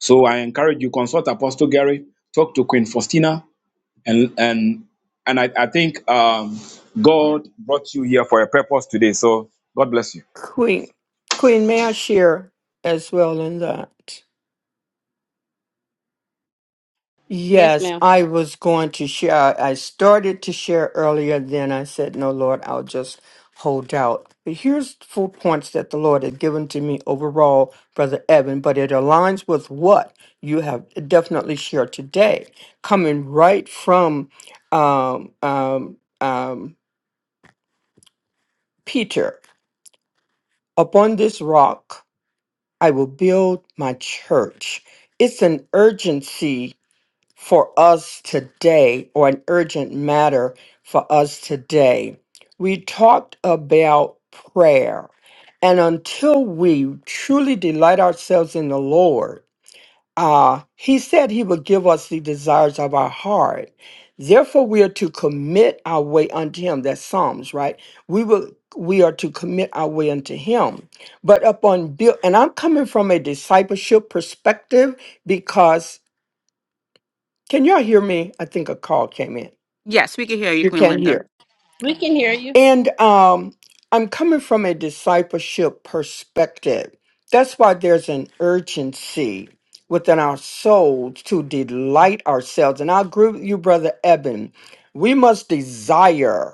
Speaker 3: So I encourage you, consult Apostle Gary, talk to Queen Faustina, and and and I, I think um, God brought you here for a purpose today. So God bless you.
Speaker 4: Queen, Queen, may I share as well in that?
Speaker 1: Yes,
Speaker 4: Yes,
Speaker 1: ma'am.
Speaker 4: I was going to share. I started to share earlier, then I said, No, Lord, I'll just hold out. But here's four points that the Lord had given to me overall, Brother Evan, but it aligns with what you have definitely shared today, coming right from um, um, um, Peter. Upon this rock, I will build my church. It's an urgency for us today or an urgent matter for us today. We talked about prayer. And until we truly delight ourselves in the Lord, uh, He said He would give us the desires of our heart. Therefore, we are to commit our way unto Him. That's Psalms, right? We will. We are to commit our way unto Him. But upon build, and I'm coming from a discipleship perspective because can y'all hear me? I think a call came in.
Speaker 2: Yes, we can hear you,
Speaker 4: You
Speaker 2: Queen
Speaker 4: can not
Speaker 2: Linda.
Speaker 4: hear.
Speaker 1: We can hear you.
Speaker 4: And um, I'm coming from a discipleship perspective. That's why there's an urgency within our souls to delight ourselves. And I agree with you, Brother Eben. We must desire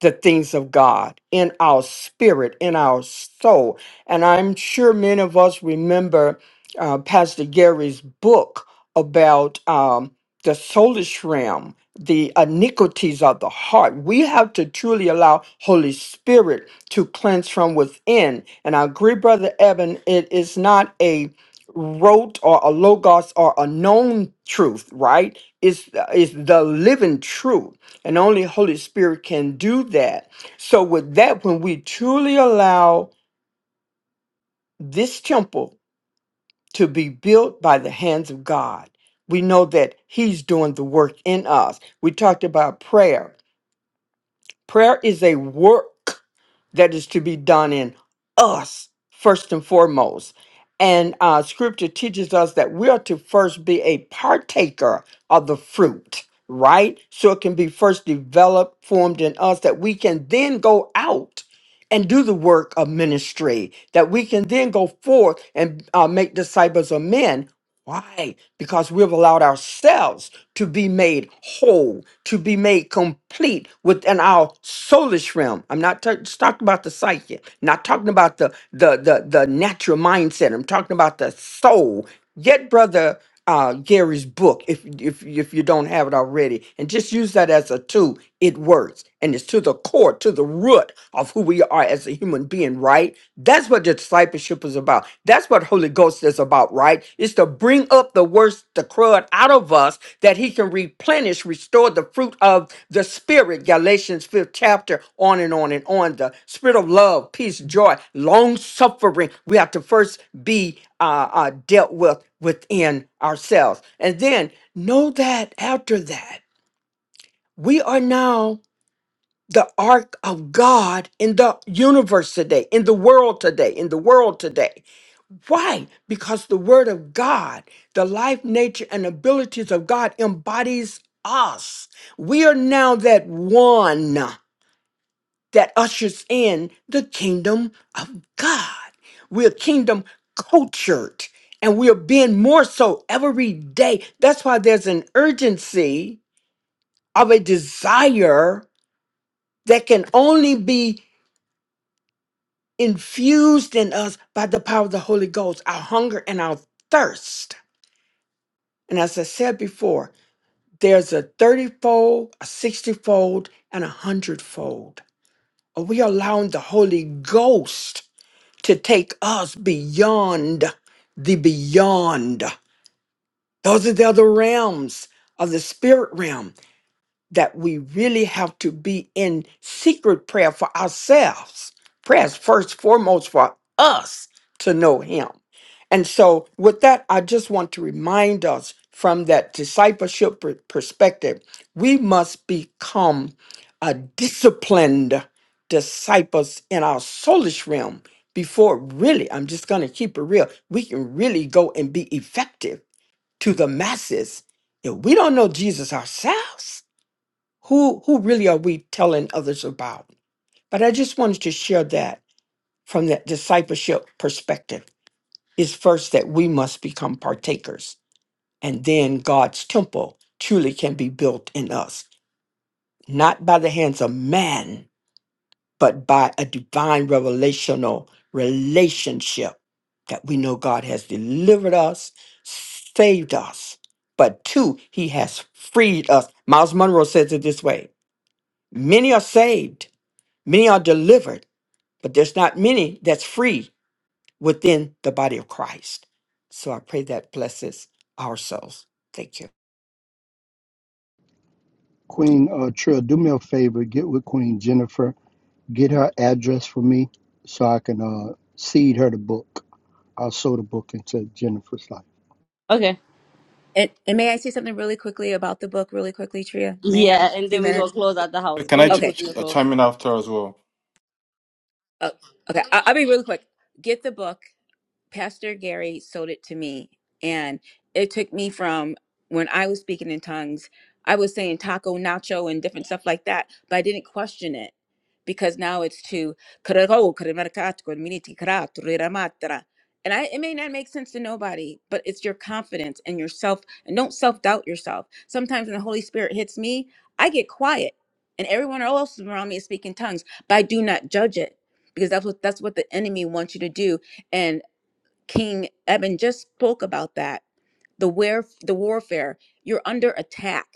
Speaker 4: the things of God in our spirit, in our soul. And I'm sure many of us remember uh, Pastor Gary's book about um, the soulish realm the iniquities of the heart. We have to truly allow Holy Spirit to cleanse from within. And I agree, Brother Evan, it is not a rote or a logos or a known truth, right? It's, it's the living truth. And only Holy Spirit can do that. So with that, when we truly allow this temple to be built by the hands of God, we know that He's doing the work in us. We talked about prayer Prayer is a work that is to be done in us first and foremost. And uh, scripture teaches us that we are to first be a partaker of the fruit, right? So it can be first developed, formed in us, that we can then go out and do the work of ministry, that we can then go forth and uh, make disciples of men. Why? Because we've allowed ourselves to be made whole, to be made complete within our soulish realm. I'm not ta- just talking about the psyche, not talking about the the the, the natural mindset. I'm talking about the soul. Get brother uh, Gary's book if if if you don't have it already, and just use that as a tool it works and it's to the core to the root of who we are as a human being right that's what discipleship is about that's what holy ghost is about right is to bring up the worst the crud out of us that he can replenish restore the fruit of the spirit galatians 5th chapter on and on and on the spirit of love peace joy long suffering we have to first be uh, uh, dealt with within ourselves and then know that after that we are now the ark of God in the universe today, in the world today, in the world today. Why? Because the word of God, the life, nature, and abilities of God embodies us. We are now that one that ushers in the kingdom of God. We're kingdom cultured and we are being more so every day. That's why there's an urgency of a desire that can only be infused in us by the power of the Holy Ghost, our hunger and our thirst. And as I said before, there's a 30 fold, a 60 fold, and a 100 fold. Are we allowing the Holy Ghost to take us beyond the beyond? Those are the other realms of the spirit realm that we really have to be in secret prayer for ourselves. Prayer is first, foremost for us to know Him And so, with that, I just want to remind us from that discipleship per- perspective, we must become a disciplined disciples in our soulish realm before really, I'm just going to keep it real, we can really go and be effective to the masses. If we don't know Jesus ourselves, who, who really are we telling others about? But I just wanted to share that from that discipleship perspective is first that we must become partakers, and then God's temple truly can be built in us, not by the hands of man, but by a divine revelational relationship that we know God has delivered us, saved us, but two, he has freed us. Miles Monroe says it this way many are saved, many are delivered, but there's not many that's free within the body of Christ. So I pray that blesses our souls. Thank you.
Speaker 9: Queen uh, Trill, do me a favor. Get with Queen Jennifer. Get her address for me so I can uh, seed her the book. I'll sow the book into Jennifer's life.
Speaker 1: Okay.
Speaker 6: And, and may I say something really quickly about the book, really quickly, Tria? May I have
Speaker 1: Yeah,
Speaker 6: a
Speaker 1: and
Speaker 6: few
Speaker 1: then we
Speaker 6: minutes?
Speaker 1: gonna close out the house.
Speaker 7: Can
Speaker 1: Go
Speaker 7: I
Speaker 1: ahead,
Speaker 7: ch-
Speaker 6: Okay.
Speaker 1: Queen
Speaker 7: ch- uh,
Speaker 1: Nicole.
Speaker 7: chime in after as well?
Speaker 6: Oh, okay, I- I'll be really quick. Get the book. Pastor Gary sold it to me, and it took me from when I was speaking in tongues, I was saying taco, nacho, and different stuff like that, but I didn't question it because now it's to "Karego, karemarakato, koremiti, karato, reramatra." and I, it may not make sense to nobody, but it's your confidence and yourself, and don't self doubt yourself. Sometimes when the Holy Spirit hits me, I get quiet, and everyone else around me is speaking tongues, but I do not judge it because that's what that's what the enemy wants you to do King Eben just spoke about that. The where the warfare, you're under attack.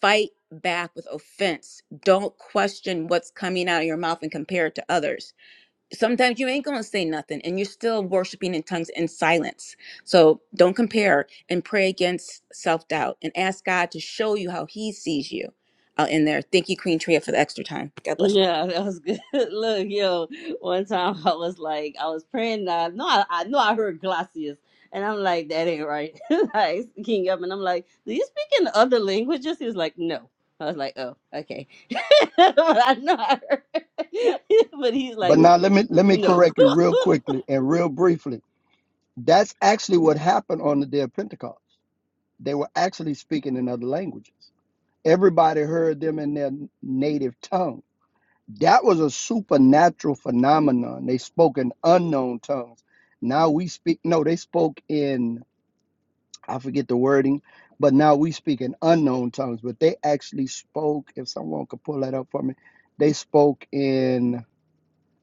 Speaker 6: Fight back with offense. Don't question what's coming out of your mouth and compare it to others. Sometimes you ain't gonna say nothing and you're still worshiping in tongues in silence. So don't compare and pray against self-doubt and ask God to show you how he sees you. I'll end there. Thank you, Queen Tria, for the extra time. God bless
Speaker 1: Yeah, that was good. Look, yo, one time I was like, I was praying. Uh, no, I, I know I heard Glacius, and I'm like, that ain't right. like, King up, and I'm like, do you speak in other languages? He was like, no. I was like, oh, okay. but I know I heard. but he's
Speaker 9: But
Speaker 1: like,
Speaker 9: now let me let me
Speaker 1: no.
Speaker 9: correct you real quickly and real briefly. That's actually what happened on the day of Pentecost. They were actually speaking in other languages. Everybody heard them in their native tongue That was a supernatural phenomenon. They spoke in unknown tongues. Now we speak, no, they spoke in, I forget the wording, but now we speak in unknown tongues. But they actually spoke, if someone could pull that up for me, they spoke in,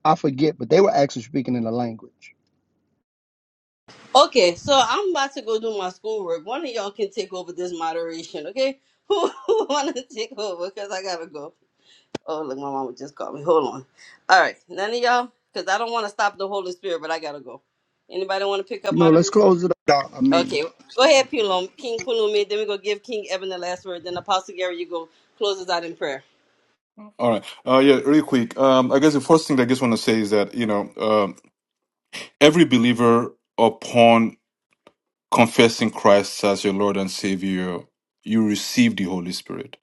Speaker 9: I forget, but they were actually speaking in a language.
Speaker 1: Okay, so I'm about to go do my schoolwork. One of y'all can take over this moderation, okay? Who, who wanna take over? Cause I gotta go. Oh, look, my mama just called me. Hold on. All right, none of y'all, because I don't want to stop the Holy Spirit, but I gotta go. Anybody want to pick up
Speaker 9: No, let's
Speaker 1: moderation?
Speaker 9: close it up. I mean,
Speaker 1: Okay, go ahead, Pulum, King Pulumi. Then we go give King Evan the last word. Then Apostle Gary, you go close us out in prayer.
Speaker 7: All right. Uh, yeah, real quick. Um, I guess the first thing that I just want to say is that, you know, um, every believer upon confessing Christ as your Lord and Savior, you receive the Holy Spirit.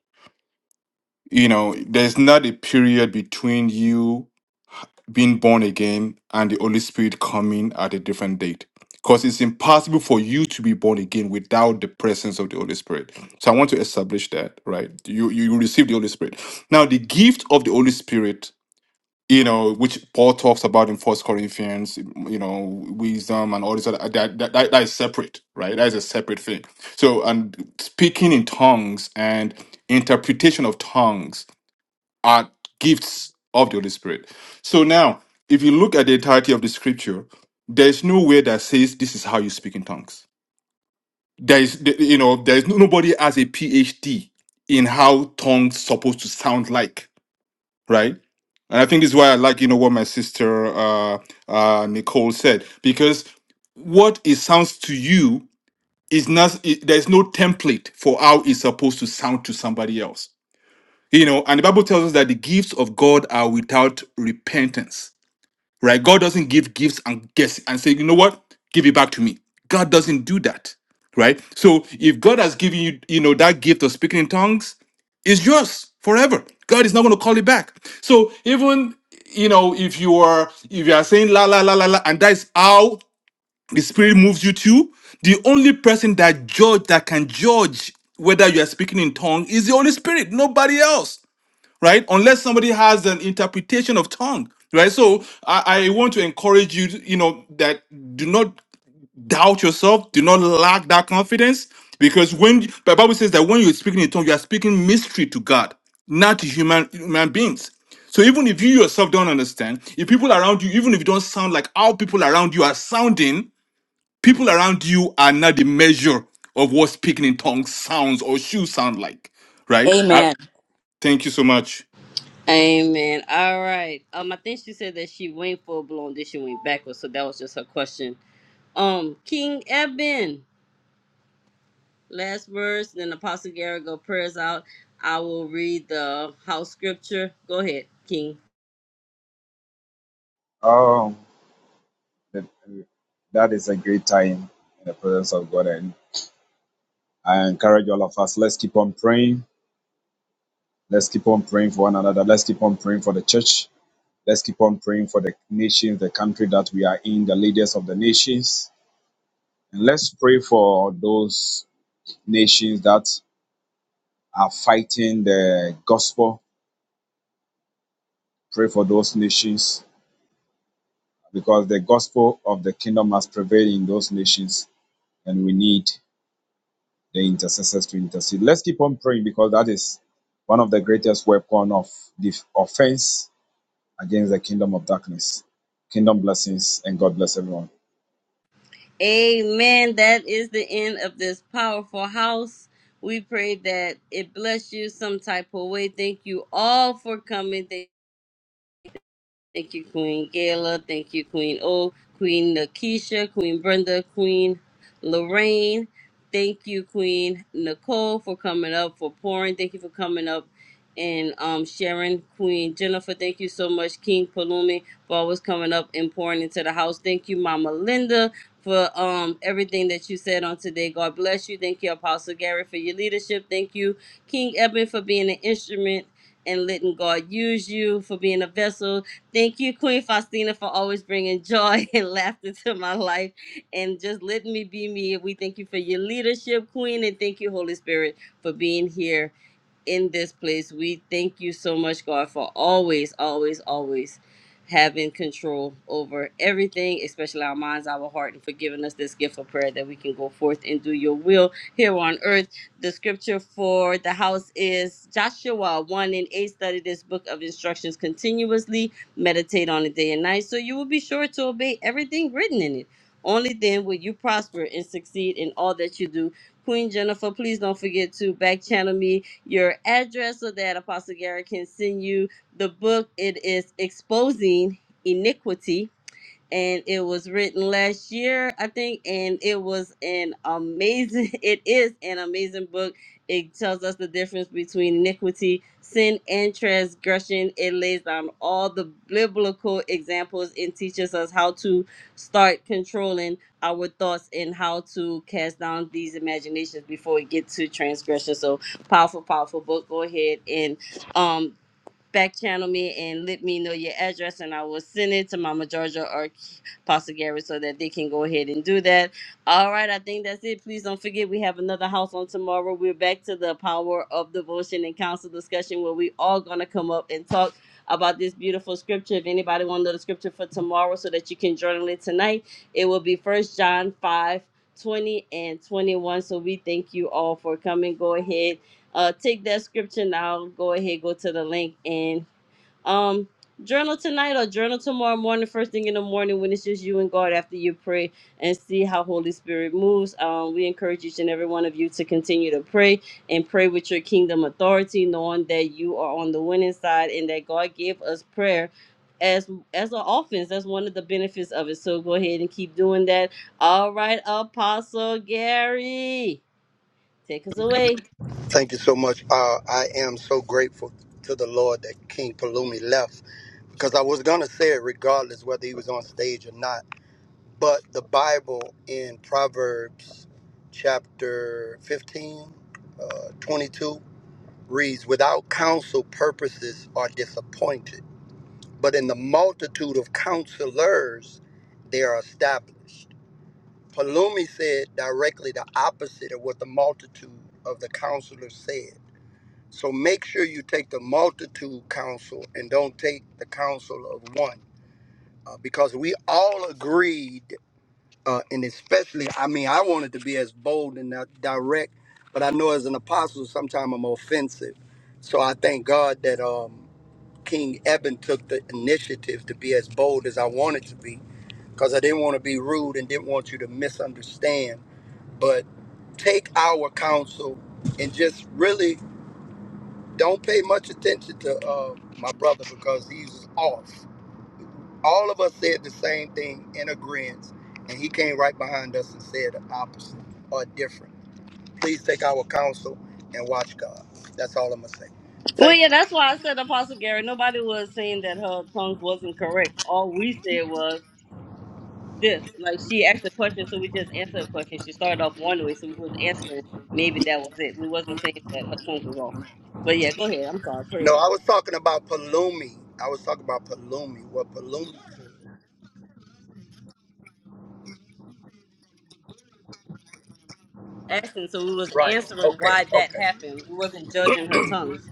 Speaker 7: You know, there's not a period between you being born again and the Holy Spirit coming at a different date. Because it's impossible for you to be born again without the presence of the Holy Spirit. So I want to establish that, right? You you receive the Holy Spirit. Now the gift of the Holy Spirit you know, which Paul talks about in First Corinthians, you know, wisdom and all this other that that, that, that is separate, right? That is a separate thing. So, and speaking in tongues and interpretation of tongues are gifts of the Holy Spirit. So now, if you look at the entirety of the Scripture, there is nowhere that says this is how you speak in tongues. There is, you know, there is nobody has a PhD in how tongues supposed to sound like right? And I think this is why I like, you know, what my sister uh, uh, Nicole said, because what it sounds to you is not. It, there's no template for how it's supposed to sound to somebody else, you know. And the Bible tells us that the gifts of God are without repentance right? God doesn't give gifts and guess and say, you know what, give it back to me. God doesn't do that, right? So if God has given you, you know, that gift of speaking in tongues, it's yours forever. God is not going to call it back. So even you know, if you are if you are saying la la la la la, and that is how the Spirit moves you to, the only person that judge that can judge whether you are speaking in tongue is the Holy Spirit, nobody else right? Unless somebody has an interpretation of tongue, right? So I, I want to encourage you, to, you know, that do not doubt yourself, do not lack that confidence, because when the Bible says that when you're speaking in tongue, you are speaking mystery to God, not to human human beings. So even if you yourself don't understand, if people around you, even if you don't sound like how people around you are sounding, people around you are not the measure of what speaking in tongues sounds or should sound like,
Speaker 6: you.
Speaker 7: right?
Speaker 6: Amen.
Speaker 7: Thank you so much.
Speaker 1: Amen. All right. Um, I think she said that she went full blown, then she went backwards. So that was just her question. Um, King Eben, last words. Then Apostle Gary go prayers out. I will read the house scripture. Go ahead, King.
Speaker 3: Oh, that that is a great time in the presence of God. And I encourage all of us, let's keep on praying. Let's keep on praying for one another. Let's keep on praying for the church. Let's keep on praying for the nations, the country that we are in, the leaders of the nations. And let's pray for those nations that are fighting the gospel. Pray for those nations because the gospel of the kingdom must prevail in those nations, and we need the intercessors to intercede. Let's keep on praying because that is one of the greatest weapon of the offense against the kingdom of darkness. Kingdom blessings and God bless everyone.
Speaker 1: Amen. That is the end of this powerful house. We pray that it bless you some type of way. Thank you all for coming. Thank Thank you, Queen Gayla. Thank you, Queen O, Queen Nakisha, Queen Brenda, Queen Lorraine. Thank you, Queen Nicole, for coming up, for pouring. Thank you for coming up and um, sharing. Queen Jennifer, thank you so much. King Palumi, for always coming up and pouring into the house. Thank you, Mama Linda, for um, everything that you said on today. God bless you. Thank you, Apostle Gary, for your leadership. Thank you, King Eben, for being an instrument and letting God use you for being a vessel Thank you, Queen Faustina, for always bringing joy and laughter to my life and just letting me be me. We thank you for your leadership, Queen, and thank you, Holy Spirit, for being here in this place. We thank you so much, God, for always, always, always having control over everything, especially our minds, our heart, and for giving us this gift of prayer that we can go forth and do your will here on earth. The scripture for the house is Joshua 1 and 8. Study this book of instructions continuously, meditate on it day and night, so you will be sure to obey everything written in it. Only then will you prosper and succeed in all that you do. Queen Jennifer, please don't forget to back channel me your address so that Apostle Gary can send you the book. It is Exposing Iniquity and it was written last year, I think, and it was an amazing it is an amazing book. It tells us the difference between iniquity, sin, and transgression. It lays down all the biblical examples and teaches us how to start controlling our thoughts and how to cast down these imaginations before we get to transgression. So powerful, powerful book. Go ahead and um back channel me and let me know your address and I will send it to Mama Georgia or. Pastor Gary, so that they can go ahead and do that. All right, I think that's it. Please don't forget we have another house on tomorrow. We're back to the power of devotion and counsel discussion where we all gonna come up and talk about this beautiful scripture. If anybody want to know the scripture for tomorrow so that you can journal it tonight, it will be first John 5 20 and 21. So we thank you all for coming. Go ahead. Uh, take that scripture now. Go ahead, go to the link and um, journal tonight or journal tomorrow morning, first thing in the morning when it's just you and God after you pray and see how Holy Spirit moves. Um, we encourage each and every one of you to continue to pray and pray with your kingdom authority, knowing that you are on the winning side and that God gave us prayer as as an offense. That's one of the benefits of it. So go ahead and keep doing that. All right, Apostle Gary, take us away.
Speaker 9: Thank you so much. Uh, I am so grateful to the Lord that King Palumi left because I was going to say it regardless whether he was on stage or not. But the Bible in Proverbs chapter 15, uh, 22 reads, Without counsel, purposes are disappointed, but in the multitude of counselors, they are established. Palumi said directly the opposite of what the multitude of the counselors said. So make sure you take the multitude counsel and don't take the counsel of one, uh, because we all agreed uh, and especially, I mean, I wanted to be as bold and uh, direct, but I know as an apostle, sometimes I'm offensive. So I thank God that um, King Eben took the initiative to be as bold as I wanted to be, because I didn't want to be rude and didn't want you to misunderstand. But take our counsel and just really don't pay much attention to uh, my brother because he's off. All of us said the same thing in agreement, and he came right behind us and said the opposite or different. Please take our counsel and watch God. That's all I'm gonna say.
Speaker 1: Well,
Speaker 9: Thank
Speaker 1: yeah,
Speaker 9: you.
Speaker 1: that's why I said Apostle Gary. Nobody was saying that her tongues wasn't correct. All we said was this: like she asked a question, so we just answered a question. She started off one way, so we was answering. Maybe that was it. We wasn't saying that her tongues was off. But yeah, go ahead. I'm sorry. Praise
Speaker 9: No, I
Speaker 1: God.
Speaker 9: was talking about Palumi. I was talking about Palumi. What Palumi?
Speaker 1: Asking, so we was
Speaker 9: Right.
Speaker 1: answering
Speaker 9: Okay.
Speaker 1: why that
Speaker 9: Okay.
Speaker 1: happened. We wasn't judging her tongues.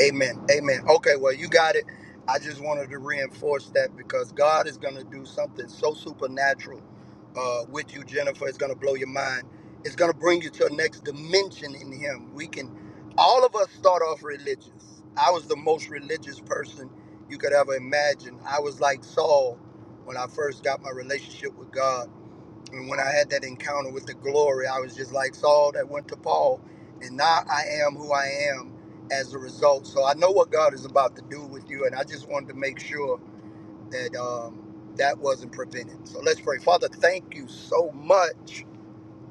Speaker 9: Amen. Amen. Okay, well, you got it. I just wanted to reinforce that because God is going to do something so supernatural uh, with you, Jennifer. It's going to blow your mind. It's going to bring you to a next dimension in Him. We can, all of us start off religious. I was the most religious person you could ever imagine. I was like Saul when I first got my relationship with God. And when I had that encounter with the glory, I was just like Saul that went to Paul. And now I am who I am as a result. So I know what God is about to do with you. And I just wanted to make sure that um, that wasn't prevented. So let's pray. Father, thank you so much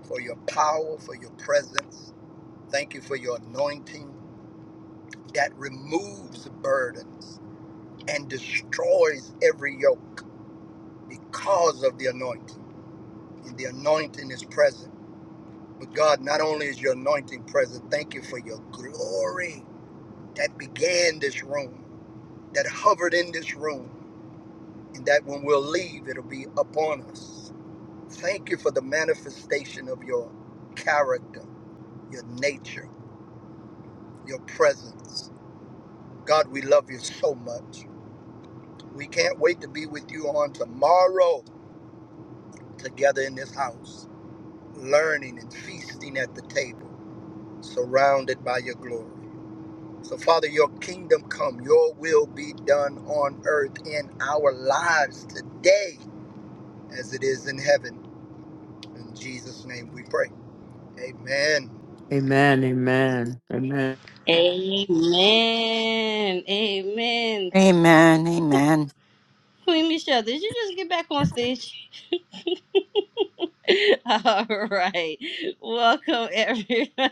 Speaker 9: for your power, for your presence. Thank you for your anointing that removes burdens and destroys every yoke because of the anointing. And the anointing is present. But God, not only is your anointing present, thank you for your glory that began this room, that hovered in this room, and that when we'll leave, it'll be upon us. Thank you for the manifestation of your character, your nature, your presence. God, we love you so much. We can't wait to be with you on tomorrow together in this house, learning and feasting at the table, surrounded by your glory. So, Father, your kingdom come, your will be done on earth in our lives today as it is in heaven. In Jesus' name we pray. Amen.
Speaker 4: Amen. Amen. Amen.
Speaker 1: Amen. Amen.
Speaker 2: Amen. Amen.
Speaker 1: Queen Michelle, did you just get back on stage? All right. Welcome, everyone.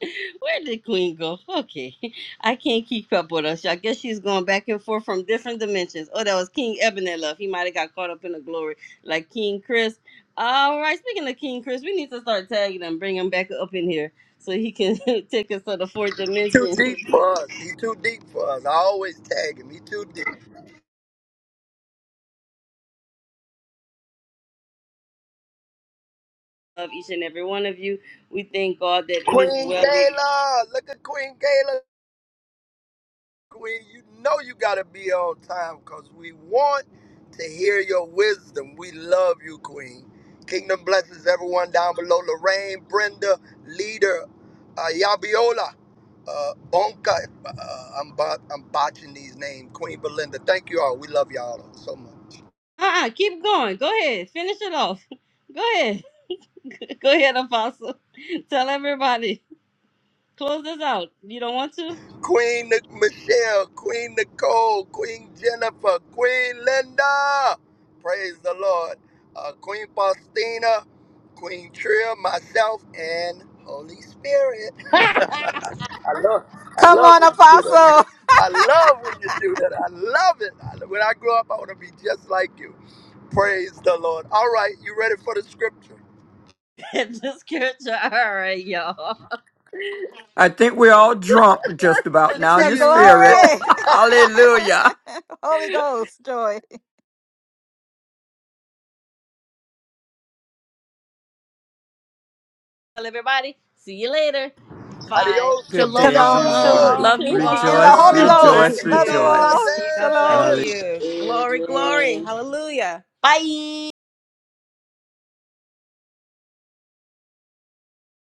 Speaker 1: Where did Queen go? Okay. I can't keep up with us. I guess she's going back and forth from different dimensions. Oh, that was King Eben that left. He might have got caught up in the glory, like King Chris. All right. Speaking of King Chris, we need to start tagging him, bring him back up in here so he can take us to the fourth
Speaker 9: Too
Speaker 1: dimension
Speaker 9: deep for us. He too deep for us. I always tag him. He too deep.
Speaker 1: of each and every one of you. We thank God that it is
Speaker 9: Queen
Speaker 1: well with.
Speaker 9: Kayla. Look at Queen Kayla. Queen, you know you got to be on time because we want to hear your wisdom. We love you, Queen. Kingdom blesses everyone down below. Lorraine, Brenda, Leader, uh, Yabiola, uh, Bonka. Uh, I'm, bo- I'm botching these names. Queen Belinda, thank you all. We love y'all so much.
Speaker 1: Uh-uh. Keep going. Go ahead. Finish it off. Go ahead. Go ahead, Apostle. Tell everybody. Close this out. You don't want to?
Speaker 9: Queen Nic- Michelle, Queen Nicole, Queen Jennifer, Queen Linda. Praise the Lord. Uh, Queen Faustina, Queen Trill, myself, and Holy Spirit. I love, I
Speaker 2: Come
Speaker 9: love
Speaker 2: on,
Speaker 9: when you do that.
Speaker 2: Apostle.
Speaker 9: I love when you do that. I love it. I- When I grow up, I want to be just like you. Praise the Lord. All right, you ready for the scripture?
Speaker 1: Just character. All right, y'all.
Speaker 4: I think we're all drunk just about
Speaker 2: It's
Speaker 4: now in
Speaker 2: a
Speaker 9: Guarantee
Speaker 4: the
Speaker 9: you, we
Speaker 4: spirit.
Speaker 9: drunk.
Speaker 2: glory.
Speaker 4: Hallelujah.
Speaker 2: Holy Ghost joy.
Speaker 1: Tell everybody. See you later. Five.
Speaker 9: Adios,
Speaker 4: Good day,
Speaker 6: Shalom,
Speaker 8: Shalom,
Speaker 6: shalom.
Speaker 9: amigos.
Speaker 4: everyone.
Speaker 8: shalom.
Speaker 6: Love you
Speaker 9: Love
Speaker 2: In the
Speaker 6: all.
Speaker 4: Rejoice,
Speaker 2: Holy
Speaker 6: God
Speaker 2: Ghost.
Speaker 9: you.
Speaker 4: rejoice,
Speaker 6: bless
Speaker 2: Love you
Speaker 9: Kingdom
Speaker 2: all.
Speaker 6: you.
Speaker 4: rejoice.
Speaker 6: God
Speaker 4: Hallelujah.
Speaker 6: bless
Speaker 9: blessings.
Speaker 2: Shalom.
Speaker 6: you. Glory, glory. Hallelujah.
Speaker 1: Bye.